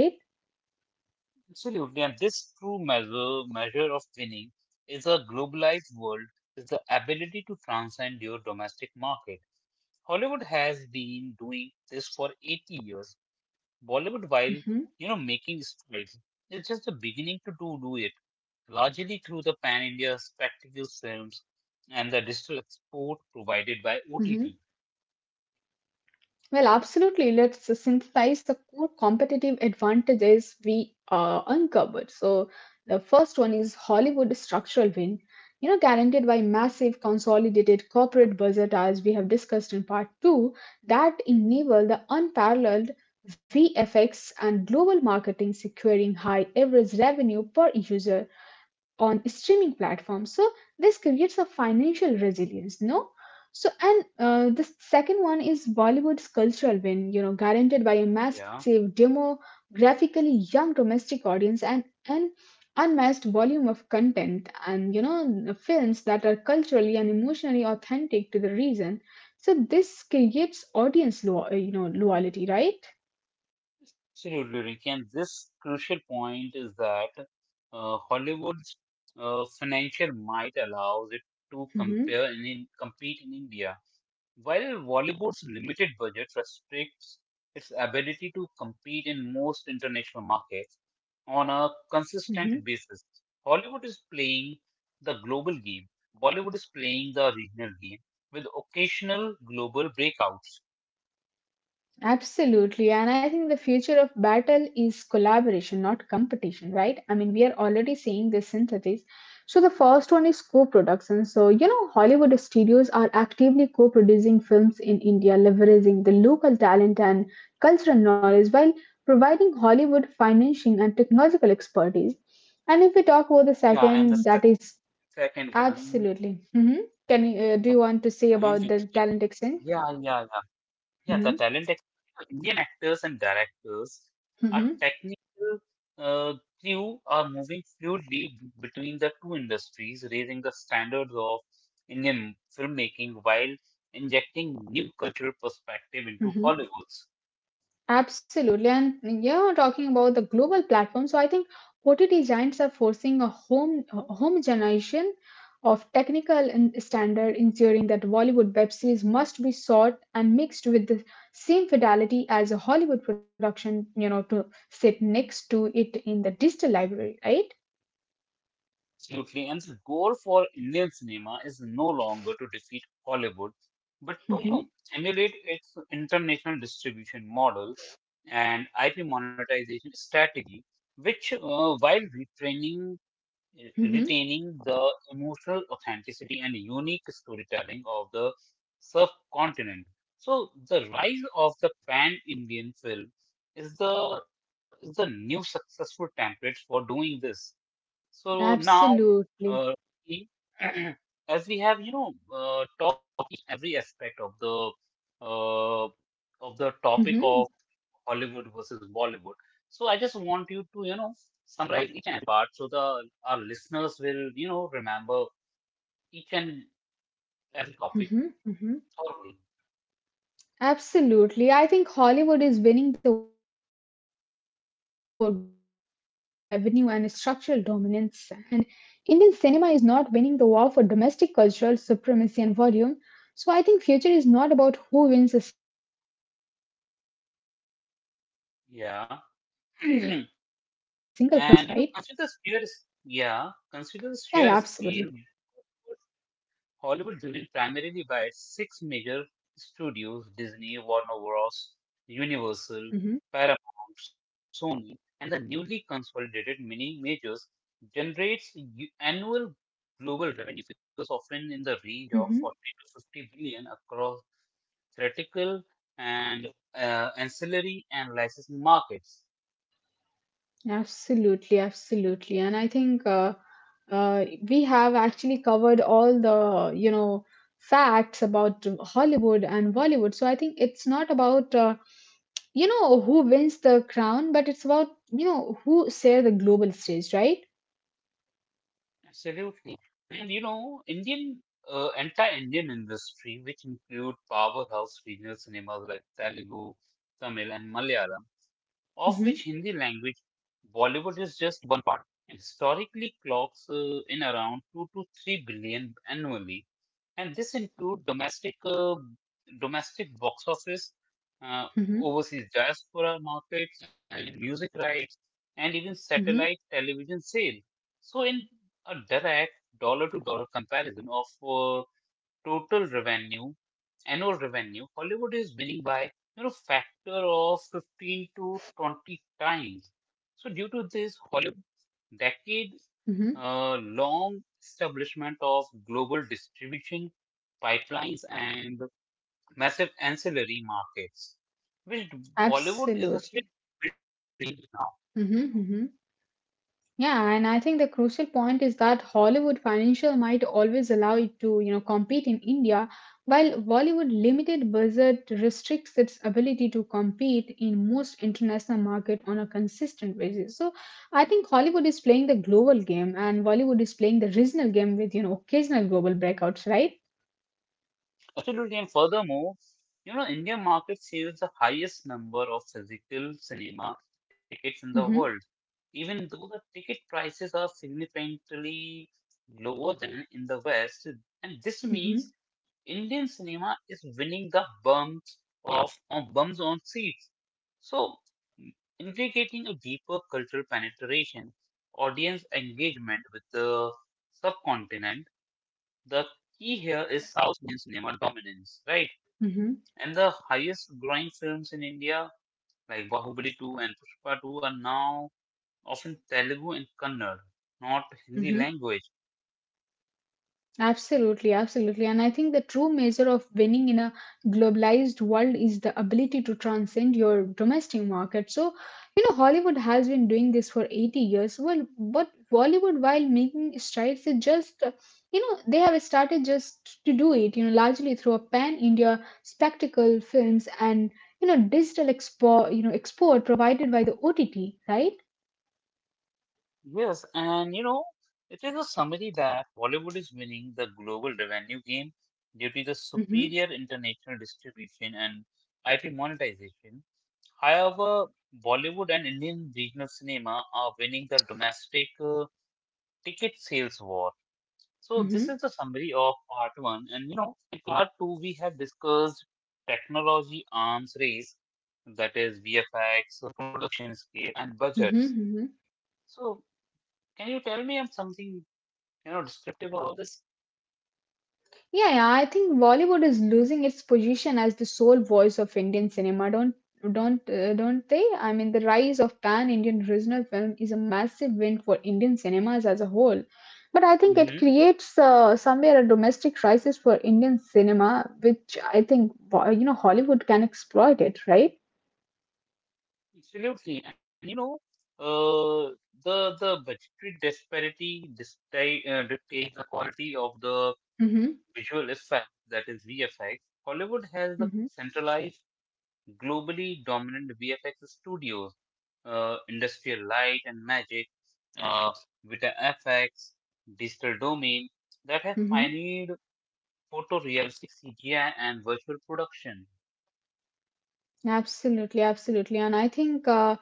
[SPEAKER 1] Absolutely, and this true measure of winning is a globalized world is the ability to transcend your domestic market. Hollywood has been doing this for 80 years. Bollywood, while you know making strides, is just the beginning to do it largely through the pan India spectacle films and the digital export provided by OTT.
[SPEAKER 2] Hmm. Well, absolutely. Let's synthesize the core competitive advantages we uncovered. So, the first one is Hollywood structural win, you know, guaranteed by massive consolidated corporate budget, as we have discussed in part two, that enable the unparalleled VFX and global marketing, securing high average revenue per user on streaming platforms. So this creates a financial resilience, no? So and the second one is Bollywood's cultural win, you know, guaranteed by a
[SPEAKER 1] Yeah.
[SPEAKER 2] massive demographically young domestic audience and an unmatched volume of content, and you know the films that are culturally and emotionally authentic to the region. So this creates audience, you know, loyalty, right?
[SPEAKER 1] Absolutely, Ricky. And this crucial point is that Hollywood's financial might allows it to
[SPEAKER 2] Mm-hmm.
[SPEAKER 1] compete in India, while Bollywood's limited budget restricts its ability to compete in most international markets on a
[SPEAKER 2] Mm-hmm.
[SPEAKER 1] consistent basis. Hollywood is playing the global game. Bollywood is playing the regional game with occasional global breakouts.
[SPEAKER 2] Absolutely. And I think the future of battle is collaboration, not competition, right? I mean, we are already seeing this synthesis. So the first one is co-production. So, you know, Hollywood studios are actively co-producing films in India, leveraging the local talent and cultural knowledge while providing Hollywood financing and technological expertise. And if we talk about the
[SPEAKER 1] Yeah, and the
[SPEAKER 2] second, that is
[SPEAKER 1] second one,
[SPEAKER 2] absolutely. Hmm Can you, do you want to say about the
[SPEAKER 1] the
[SPEAKER 2] talent exchange?
[SPEAKER 1] Yeah, yeah, yeah. Yeah,
[SPEAKER 2] Hmm
[SPEAKER 1] the talent ex- Indian actors and directors are
[SPEAKER 2] hmm
[SPEAKER 1] technical uh, crew are moving fluidly between the two industries, raising the standards of Indian filmmaking while injecting new cultural perspective into
[SPEAKER 2] hmm
[SPEAKER 1] Hollywood.
[SPEAKER 2] Absolutely. And you're talking about the global platform. So I think OTT giants are forcing a homogenization of technical and standard, ensuring that Bollywood web series must be sought and mixed with the same fidelity as a Hollywood production, you know, to sit next to it in the digital library, right?
[SPEAKER 1] Absolutely. And the goal for Indian cinema is no longer to defeat Hollywood, but to you know,
[SPEAKER 2] Mm-hmm.
[SPEAKER 1] emulate its international distribution model and IP monetization strategy, which, while retraining,
[SPEAKER 2] Mm-hmm.
[SPEAKER 1] retaining the emotional authenticity and unique storytelling of the subcontinent. So, the rise of the pan Indian film is the, is the new successful template for doing this. So now, uh,
[SPEAKER 2] Absolutely.
[SPEAKER 1] e- as we have, you know, talking every aspect of the uh, topic of
[SPEAKER 2] Mm-hmm.
[SPEAKER 1] Hollywood versus Bollywood. So I just want you to, you know, summarize and part so the our listeners will, you know, remember each and every topic
[SPEAKER 2] Mm-hmm. Mm-hmm.
[SPEAKER 1] thoroughly.
[SPEAKER 2] Absolutely. I think Hollywood is winning the war for global revenue and structural dominance, and Indian cinema is not winning the war for domestic cultural supremacy and volume. So I think future is not about who wins a single crown, but how the two giants learn to share the global stage, right?
[SPEAKER 1] Yeah. And you know, consider the
[SPEAKER 2] Yeah, yeah, absolutely.
[SPEAKER 1] yeah, consider the sheer scale. Hollywood driven primarily by six major studios Disney, Warner Bros., Universal,
[SPEAKER 2] Hmm
[SPEAKER 1] Paramount, Sony, and the newly consolidated mini majors, generates annual global revenue figures often in the range of
[SPEAKER 2] hmm
[SPEAKER 1] 40 to 50 billion across theatrical and ancillary and licensed markets.
[SPEAKER 2] Absolutely, absolutely. And I think we have actually covered all the, you know, facts about Hollywood and Bollywood. So I think it's not about, you know, who wins the crown, but it's about, you know, who share the global stage, right?
[SPEAKER 1] Absolutely. And you know, anti-Indian industry, which include powerhouse regional cinemas like Telugu, Tamil, and Malayalam, of which
[SPEAKER 2] Mm-hmm,
[SPEAKER 1] Hindi language Bollywood is just one part. And historically clocks in around 2 to 3 billion annually. And this includes domestic box office, uh,
[SPEAKER 2] mm-hmm,
[SPEAKER 1] overseas diaspora markets, and music rights, and even satellite
[SPEAKER 2] mm-hmm,
[SPEAKER 1] television sale. So in a direct dollar to dollar comparison of total revenue, annual revenue, Hollywood is winning by you know factor of 15 to 20 times. So due to this Hollywood decade
[SPEAKER 2] mm-hmm.
[SPEAKER 1] uh, long establishment of global distribution pipelines and massive ancillary markets, which Bollywood is still
[SPEAKER 2] Absolutely.
[SPEAKER 1] leading now.
[SPEAKER 2] Mm-hmm, mm-hmm. Yeah, and I think the crucial point is that Hollywood financial might always allow it to, you know, compete in India, while Bollywood limited budget restricts its ability to compete in most international market on a consistent basis. So I think Hollywood is playing the global game and Bollywood is playing the regional game with, you know, occasional global breakouts, right?
[SPEAKER 1] Absolutely, and furthermore, you know, Indian market sales the highest number of physical cinema tickets in the world,
[SPEAKER 2] Mm-hmm.
[SPEAKER 1] even though the ticket prices are significantly lower than in the West. And this
[SPEAKER 2] Mm-hmm.
[SPEAKER 1] means Indian cinema is winning the bums of on bums on seats. So indicating a deeper cultural penetration, audience engagement with the subcontinent. The key here is South Indian cinema dominance, right?
[SPEAKER 2] Mm-hmm.
[SPEAKER 1] And the highest growing films in India like Bahubali 2 and Pushpa 2 are now often Telugu and Kannada, not Hindi
[SPEAKER 2] Mm-hmm.
[SPEAKER 1] language.
[SPEAKER 2] Absolutely, absolutely. And I think the true measure of winning in a globalized world is the ability to transcend your domestic market. So, you know, Hollywood has been doing this for 80 years. Well, but Bollywood, while making strides, it just, you know, they have started just to do it, you know, largely through a pan India spectacle films and, you know, digital export provided by the OTT, right?
[SPEAKER 1] Yes, and you know, it is a summary that Bollywood is winning the global revenue game due to the
[SPEAKER 2] Mm-hmm,
[SPEAKER 1] superior international distribution and IP monetization. However, Bollywood and Indian regional cinema are winning the domestic ticket sales war. So
[SPEAKER 2] mm-hmm,
[SPEAKER 1] this is the summary of part one. And you know, in part two, we have discussed technology arms race, that is VFX, production scale, and
[SPEAKER 2] mm-hmm.
[SPEAKER 1] budgets. So can you tell me something you know descriptive about this?
[SPEAKER 2] Yeah, yeah, I think Bollywood is losing its position as the sole voice of Indian cinema. Don't they? I mean, the rise of pan-Indian regional film is a massive win for Indian cinemas as a whole. But I think it
[SPEAKER 1] Hmm
[SPEAKER 2] creates somewhere a domestic crisis for Indian cinema, which I think you know Hollywood can exploit it, right?
[SPEAKER 1] Absolutely. And you know, uh, the budgetary disparity dictates the quality of the
[SPEAKER 2] Mm-hmm.
[SPEAKER 1] visual effect, that is VFX. Hollywood has the
[SPEAKER 2] Mm-hmm.
[SPEAKER 1] centralized globally dominant VFX studios, Industrial Light and Magic, uh, Vita FX, Digital Domain, that have pioneered photorealistic CGI and virtual production.
[SPEAKER 2] Absolutely, absolutely. And I think,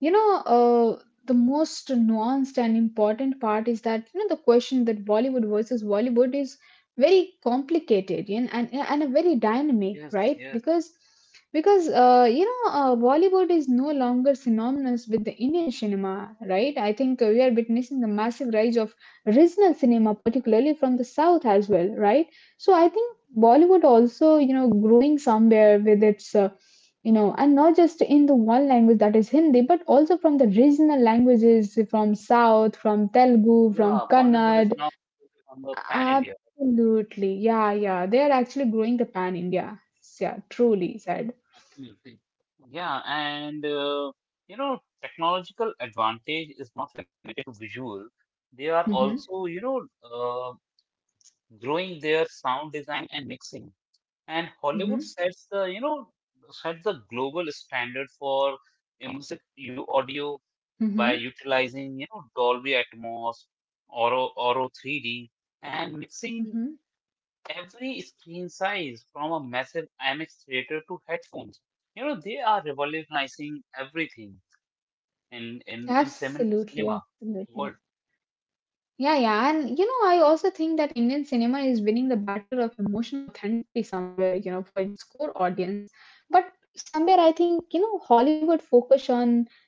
[SPEAKER 2] you know, the most nuanced and important part is that, you know, the question that Bollywood versus Bollywood is very complicated and a very dynamic,
[SPEAKER 1] Yes,
[SPEAKER 2] right?
[SPEAKER 1] yes.
[SPEAKER 2] Because you know, Bollywood is no longer synonymous with the Indian cinema, right? I think we are witnessing the massive rise of regional cinema, particularly from the South as well, right? So I think Bollywood also, you know, growing somewhere with its you know, and not just in the one language that is hindi but also from the regional languages from south from telugu
[SPEAKER 1] Yeah,
[SPEAKER 2] from
[SPEAKER 1] Bollywood is now
[SPEAKER 2] kannad
[SPEAKER 1] on the pan area.
[SPEAKER 2] absolutely yeah yeah they are actually growing the pan india yeah truly said.
[SPEAKER 1] Absolutely. Yeah, and you know, technological advantage is not limited to visual. They are
[SPEAKER 2] Mm-hmm,
[SPEAKER 1] also, you know, growing their sound design and mixing. And
[SPEAKER 2] mm-hmm,
[SPEAKER 1] Hollywood sets the you know sets the global standard for immersive audio by
[SPEAKER 2] mm-hmm,
[SPEAKER 1] utilizing you know Dolby Atmos, Oro 3D, and mixing
[SPEAKER 2] mm-hmm.
[SPEAKER 1] every screen size from a massive IMAX theater to headphones. You know they are revolutionizing everything in cinema
[SPEAKER 2] Absolutely,
[SPEAKER 1] world.
[SPEAKER 2] absolutely. Yeah, yeah, and you know I also think that indian cinema is winning the battle of emotional authenticity somewhere, you know, for its core audience. But somewhere I think, you know, Hollywood focus on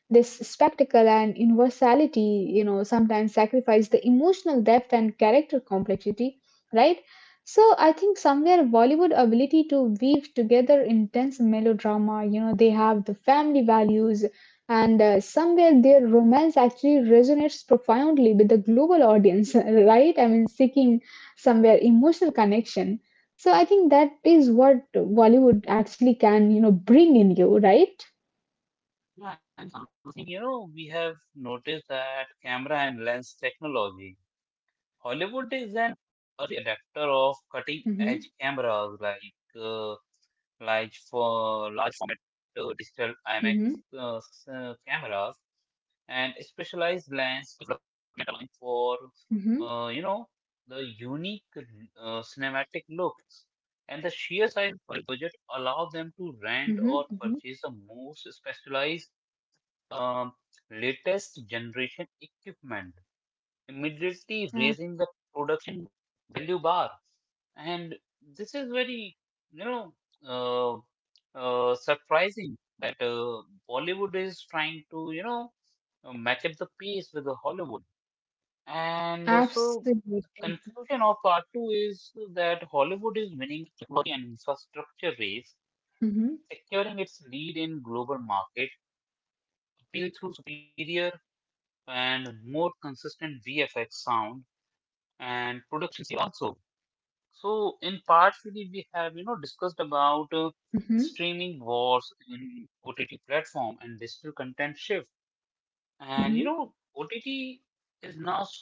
[SPEAKER 2] this spectacle and universality, you know, sometimes sacrifice the emotional depth and character complexity, right? So I think somewhere Bollywood ability to weave together intense melodrama, you know, they have the family values, and somewhere their romance actually resonates profoundly with the global audience, right? I mean, seeking somewhere emotional connection. So I think that is what Bollywood actually can, you know, bring in you, right?
[SPEAKER 1] I think you know we have noticed that camera and lens technology. Hollywood is early adapter of cutting edge
[SPEAKER 2] Mm-hmm.
[SPEAKER 1] cameras like uh, like for large format digital IMAX
[SPEAKER 2] Mm-hmm.
[SPEAKER 1] cameras and specialized lens development allowing for
[SPEAKER 2] Mm-hmm.
[SPEAKER 1] uh, you know the unique cinematic looks, and the sheer size of the budget allow them to
[SPEAKER 2] Mm-hmm.
[SPEAKER 1] rent or
[SPEAKER 2] Mm-hmm.
[SPEAKER 1] purchase the most specialized um, latest generation equipment, immediately raising
[SPEAKER 2] Yeah.
[SPEAKER 1] the product value bar. And this is very, you know uh, surprising that Bollywood is trying to, match up the pace with the Hollywood. And so the
[SPEAKER 2] Absolutely.
[SPEAKER 1] conclusion of part two is that Hollywood is winning the technology and infrastructure race,
[SPEAKER 2] Mm-hmm.
[SPEAKER 1] securing its lead in global market, appeal through superior and more consistent VFX sound and production also. So in part three, we have, you know, discussed about
[SPEAKER 2] Mm-hmm.
[SPEAKER 1] streaming wars in OTT platform and digital content shift. And you know
[SPEAKER 2] Mm-hmm.
[SPEAKER 1] OTT is now so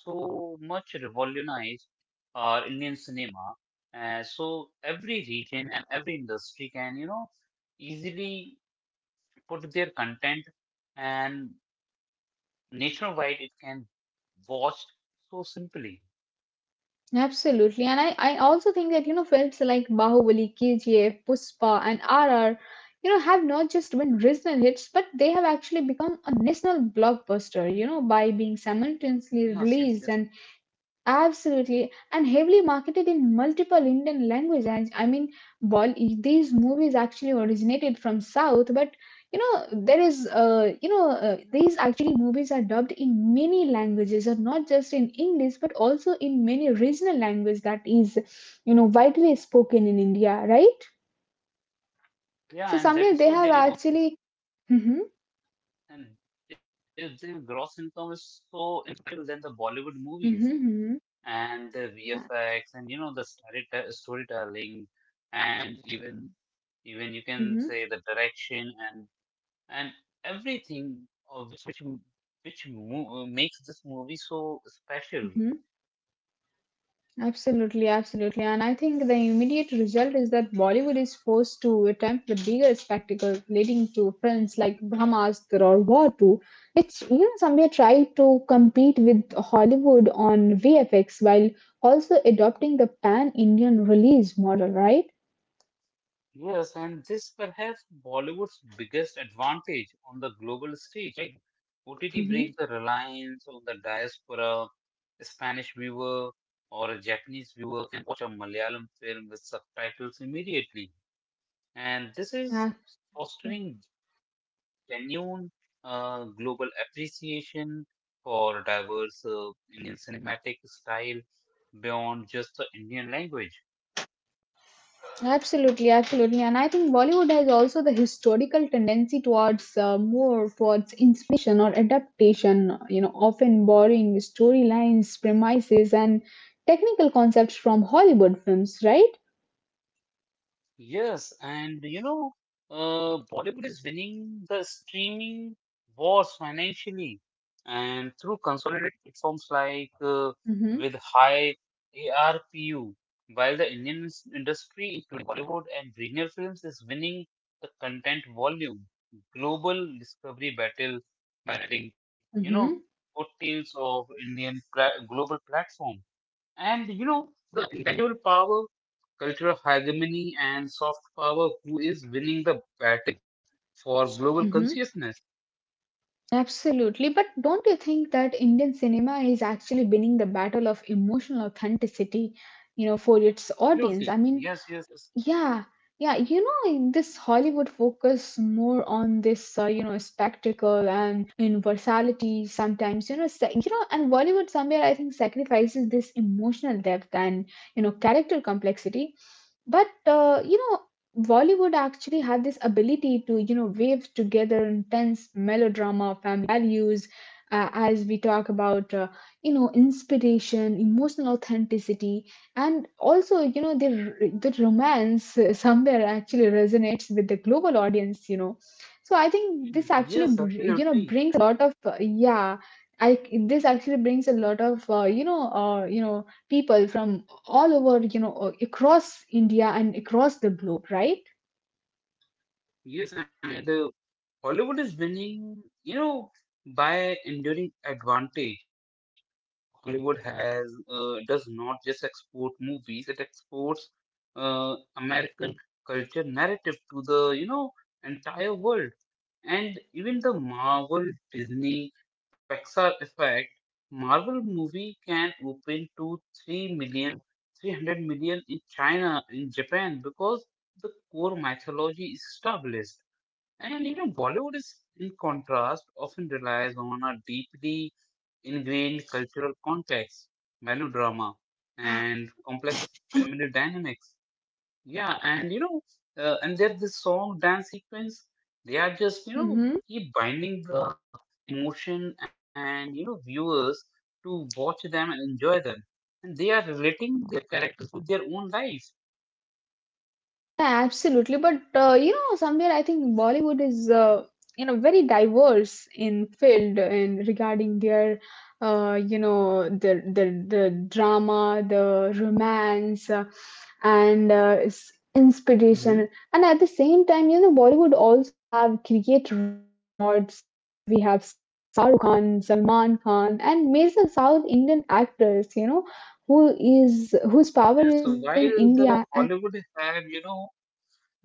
[SPEAKER 1] much revolutionized our Indian cinema, and so every region and every industry can, you know, easily put their content, and nationwide it can watched so simply.
[SPEAKER 2] Absolutely. And I also think that, you know, films like Bahubali, KGF, Puspa, and RR, you know, have not just been regional hits, but they have actually become a national blockbuster, you know, by being
[SPEAKER 1] Yes,
[SPEAKER 2] simultaneously
[SPEAKER 1] yes, yes.
[SPEAKER 2] released and absolutely, and heavily marketed in multiple Indian language. And I mean, these movies actually originated from South, but you know, there is, you know, these actually movies are dubbed in many languages, and not just in English, but also in many regional language that is, you know, widely spoken in India, right?
[SPEAKER 1] Yeah, and
[SPEAKER 2] So,
[SPEAKER 1] that is
[SPEAKER 2] Samir,
[SPEAKER 1] so
[SPEAKER 2] they have
[SPEAKER 1] there, you know,
[SPEAKER 2] actually. Hmm
[SPEAKER 1] and if their gross income is so incredible than the Bollywood
[SPEAKER 2] hmm
[SPEAKER 1] movies,
[SPEAKER 2] hmm
[SPEAKER 1] and the
[SPEAKER 2] Yeah.
[SPEAKER 1] VFX and you know the storytelling, and even, you can
[SPEAKER 2] hmm
[SPEAKER 1] say the direction, and everything of which makes this movie so special.
[SPEAKER 2] hmm Absolutely, absolutely. And I think the immediate result is that Bollywood is forced to attempt the bigger spectacle, leading to films like Brahmastra or War 2, which even somewhere tried to compete with Hollywood on VFX while also adopting the pan Indian release model, right?
[SPEAKER 1] Yes, and this perhaps Bollywood's biggest advantage on the global stage, right? OTT breaks the
[SPEAKER 2] hmm
[SPEAKER 1] reliance on the diaspora. A Spanish viewer or a Japanese viewer can watch a Malayalam film with subtitles immediately. And this is
[SPEAKER 2] Yeah.
[SPEAKER 1] fostering genuine global appreciation for diverse Indian cinematic style beyond just the Indian language.
[SPEAKER 2] Absolutely, absolutely. And I think Bollywood has also the historical tendency towards more towards inspiration or adaptation, you know, often borrowing storylines, premises, and technical concepts from Hollywood films, right?
[SPEAKER 1] Yes, and you know, Bollywood is winning the streaming wars financially and through consolidated platforms like
[SPEAKER 2] Mm-hmm,
[SPEAKER 1] with high ARPU, while the Indian industry, including Bollywood and regional films, is winning the content volume global discovery battle by letting, you know,
[SPEAKER 2] mm-hmm,
[SPEAKER 1] coattails of Indian pla global platform. And you know, intellectual power, cultural hegemony, and soft power. Who is winning the battle for global
[SPEAKER 2] mm-hmm.
[SPEAKER 1] consciousness?
[SPEAKER 2] Absolutely. But don't you think that Indian cinema is actually winning the battle of emotional authenticity, you know, for its audience? I
[SPEAKER 1] Absolutely.
[SPEAKER 2] mean,
[SPEAKER 1] Yes, yes, yes.
[SPEAKER 2] yeah, yeah, you know, like, this Hollywood focus more on this, you know, spectacle and universality sometimes, you know, you know, and Bollywood somewhere I think sacrifices this emotional depth and, you know, character complexity. But, you know, Bollywood actually had this ability to, you know, weave together intense melodrama, family values, as we talk about, you know, inspiration, emotional authenticity, and also, you know, the romance somewhere actually resonates with the global audience, you know. So I think this actually,
[SPEAKER 1] Yes,
[SPEAKER 2] you know,
[SPEAKER 1] absolutely.
[SPEAKER 2] brings a lot of yeah. I this actually brings a lot of you know, you know, people from all over, you know, across India and across the globe, right?
[SPEAKER 1] Yes, and Hollywood is winning, you know, by enduring advantage. Hollywood has, does not just export movies; it exports American culture narrative to the, you know, entire world. And even the Marvel, Disney, Pixar effect, Marvel movie can open to 3 million, 300 million in China, in Japan, because the core mythology is established. And you know, Bollywood is, in contrast, often relies on a deeply ingrained cultural context, melodrama, and complex family dynamics. Yeah, and you know, and there's this song dance sequence. They are just, you know,
[SPEAKER 2] hmm
[SPEAKER 1] keep binding the emotion, and you know viewers to watch them and enjoy them, and they are relating their characters with their own life.
[SPEAKER 2] Yeah, absolutely. But you know, somewhere I think Bollywood is you know, very diverse in field, and regarding their you know, the drama, the romance, and
[SPEAKER 1] Mhm.
[SPEAKER 2] inspiration. And at the same time, you know, Bollywood also have create regional gods. You know, we have Shahrukh Khan, Salman Khan, and major South Indian actors. You know, whose power is
[SPEAKER 1] Yes, so
[SPEAKER 2] within
[SPEAKER 1] while
[SPEAKER 2] India.
[SPEAKER 1] the
[SPEAKER 2] And,
[SPEAKER 1] Hollywood have, you know,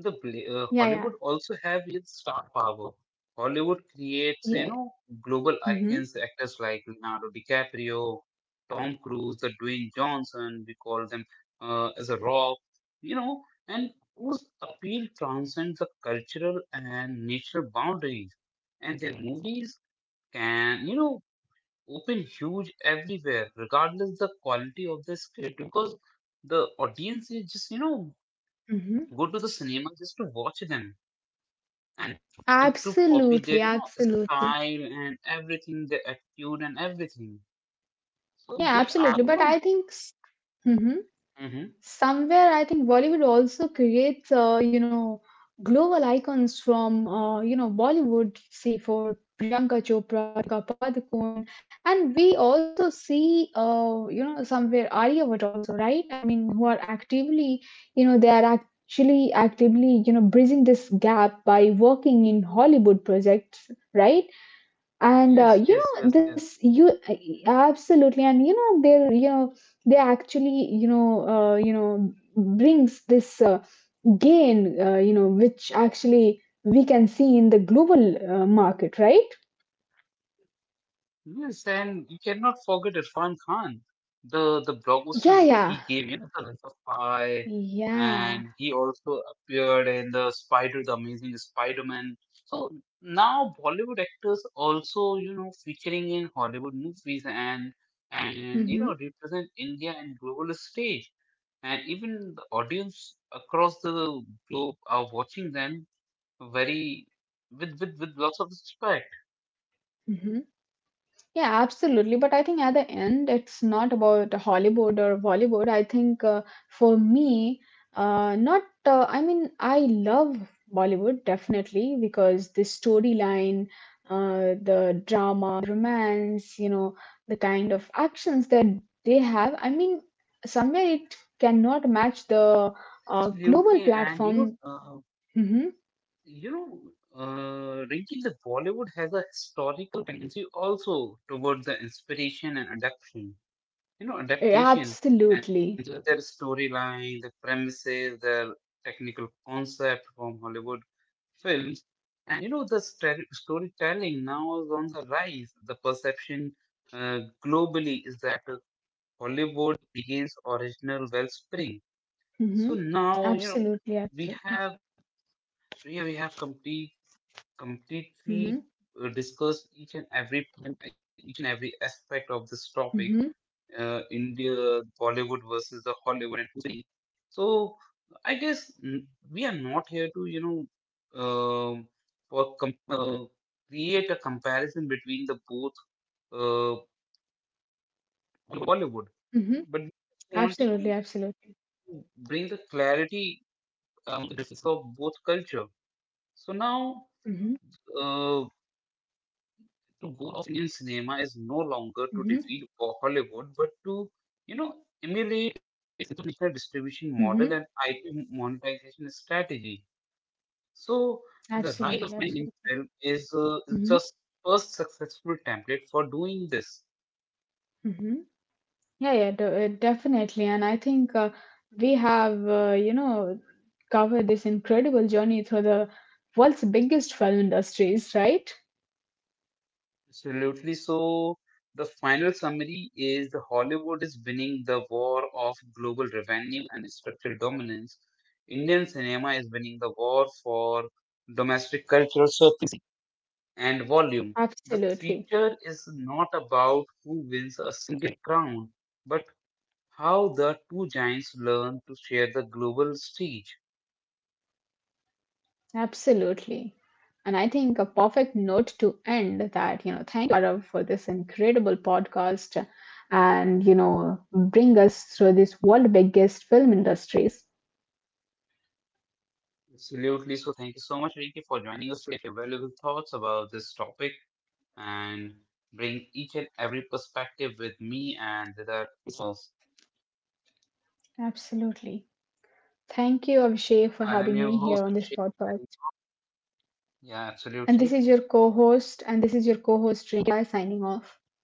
[SPEAKER 2] yeah, yeah.
[SPEAKER 1] Hollywood also have its star power. Hollywood creates,
[SPEAKER 2] Yeah.
[SPEAKER 1] you know, global
[SPEAKER 2] Mm-hmm.
[SPEAKER 1] icons, actors like Leonardo DiCaprio, Tom Cruise, the Dwayne Johnson, we call them as a rock, you know, and whose appeal transcends the cultural and national boundaries. And their movies can, you know, open huge everywhere, regardless the quality of the script, because the audience is just, you know,
[SPEAKER 2] Mm-hmm.
[SPEAKER 1] go to the cinema just to watch them, and to
[SPEAKER 2] Absolutely.
[SPEAKER 1] copy their, you know,
[SPEAKER 2] Absolutely.
[SPEAKER 1] style and everything, their attitude and everything. So
[SPEAKER 2] Yeah,
[SPEAKER 1] they
[SPEAKER 2] absolutely. But
[SPEAKER 1] are, you
[SPEAKER 2] I
[SPEAKER 1] know.
[SPEAKER 2] think mhm,
[SPEAKER 1] Hmm.
[SPEAKER 2] somewhere I think Bollywood also creates, you know, global icons from, you know, Bollywood. See for Priyanka Chopra, Deepika Padukone, and we also see, you know, somewhere Arya Bhatt also, right? I mean, who are actively, you know, they are actually actively, you know, bridging this gap by working in Hollywood projects, right? and
[SPEAKER 1] Yes,
[SPEAKER 2] you
[SPEAKER 1] yes, yes,
[SPEAKER 2] know
[SPEAKER 1] yes.
[SPEAKER 2] this you absolutely, and you know they're, you know, they actually, you know, you know, brings this gain, you know, which actually we can see in the global market, right?
[SPEAKER 1] Yes, and you cannot forget Irfan Khan, the blockbuster he
[SPEAKER 2] Yeah,
[SPEAKER 1] gave,
[SPEAKER 2] yeah,
[SPEAKER 1] you know, the Life of Pi, and
[SPEAKER 2] yeah.
[SPEAKER 1] he also appeared in the Amazing Spider-Man. So now Bollywood actors also, you know, featuring in Hollywood movies, and you know
[SPEAKER 2] hmm
[SPEAKER 1] represent India and global stage, and even the audience across the globe are watching them very, with lots of respect.
[SPEAKER 2] hmm Yeah, absolutely. But I think at the end, it's not about Hollywood or Bollywood. I think for me, not, I mean, I love Bollywood definitely because the storyline, the drama, the romance, you know, the kind of actions that they have. I mean, somewhere it cannot match the global
[SPEAKER 1] Absolutely, and
[SPEAKER 2] platform.
[SPEAKER 1] you know, uh,
[SPEAKER 2] Mm-hmm.
[SPEAKER 1] you know, Rinki, the Bollywood has a historical tendency also towards the inspiration and adaptation. You know,
[SPEAKER 2] Eh,
[SPEAKER 1] adaptation.
[SPEAKER 2] absolutely.
[SPEAKER 1] Their storyline, the premises, their technical concept from Hollywood films. And you know, the storytelling now is on the rise. The perception globally is that Hollywood begins original wellspring.
[SPEAKER 2] Mm-hmm.
[SPEAKER 1] So now, you know,
[SPEAKER 2] Absolutely.
[SPEAKER 1] we
[SPEAKER 2] Absolutely.
[SPEAKER 1] have yeah, we have completely
[SPEAKER 2] Mm-hmm.
[SPEAKER 1] discussed each and every aspect of this topic.
[SPEAKER 2] Mm-hmm.
[SPEAKER 1] India Bollywood versus the Hollywood. And so I guess, we are not here to, you know, um for com- uh, create a comparison between the both uh, Bollywood,
[SPEAKER 2] Mm-hmm.
[SPEAKER 1] but we just want, you
[SPEAKER 2] Absolutely,
[SPEAKER 1] know,
[SPEAKER 2] absolutely.
[SPEAKER 1] to bring the clarity to the difference of both culture. So now
[SPEAKER 2] Mm-hmm.
[SPEAKER 1] uh, goal of Indian cinema is no longer to
[SPEAKER 2] Mm-hmm.
[SPEAKER 1] defeat Hollywood, but to, you know, emulate its international distribution
[SPEAKER 2] Mm-hmm.
[SPEAKER 1] model and IP monetization strategy. So the
[SPEAKER 2] Absolutely,
[SPEAKER 1] rise of man
[SPEAKER 2] absolutely.
[SPEAKER 1] in film is,
[SPEAKER 2] Mm-hmm.
[SPEAKER 1] just first successful template for doing this.
[SPEAKER 2] Mm-hmm. Definitely. And I think we have, you know, covered this incredible journey through the world's biggest film industries, right?
[SPEAKER 1] Absolutely. So the final summary is the Hollywood is winning the war of global revenue and structural dominance. Indian cinema is winning the war for domestic cultural surface and volume. The
[SPEAKER 2] Absolutely.
[SPEAKER 1] feature is not about who wins a single crown, but how the two giants learn to share the global stage.
[SPEAKER 2] Absolutely. And I think a perfect note to end that, you know, thank you, Arav, for this incredible podcast, and, you know, bring us through this world biggest film industries.
[SPEAKER 1] Absolutely. So thank you so much, Rinki, for joining us today, your valuable thoughts about this topic, and bring each and every perspective with me and with us. So
[SPEAKER 2] Absolutely. Thank you, Abhishek, for having
[SPEAKER 1] I'm
[SPEAKER 2] me
[SPEAKER 1] your
[SPEAKER 2] here on this
[SPEAKER 1] host, Abhishek.
[SPEAKER 2] podcast.
[SPEAKER 1] Yeah,
[SPEAKER 2] And this is
[SPEAKER 1] absolutely.
[SPEAKER 2] your co host, and this is your co host, Rinka, signing off.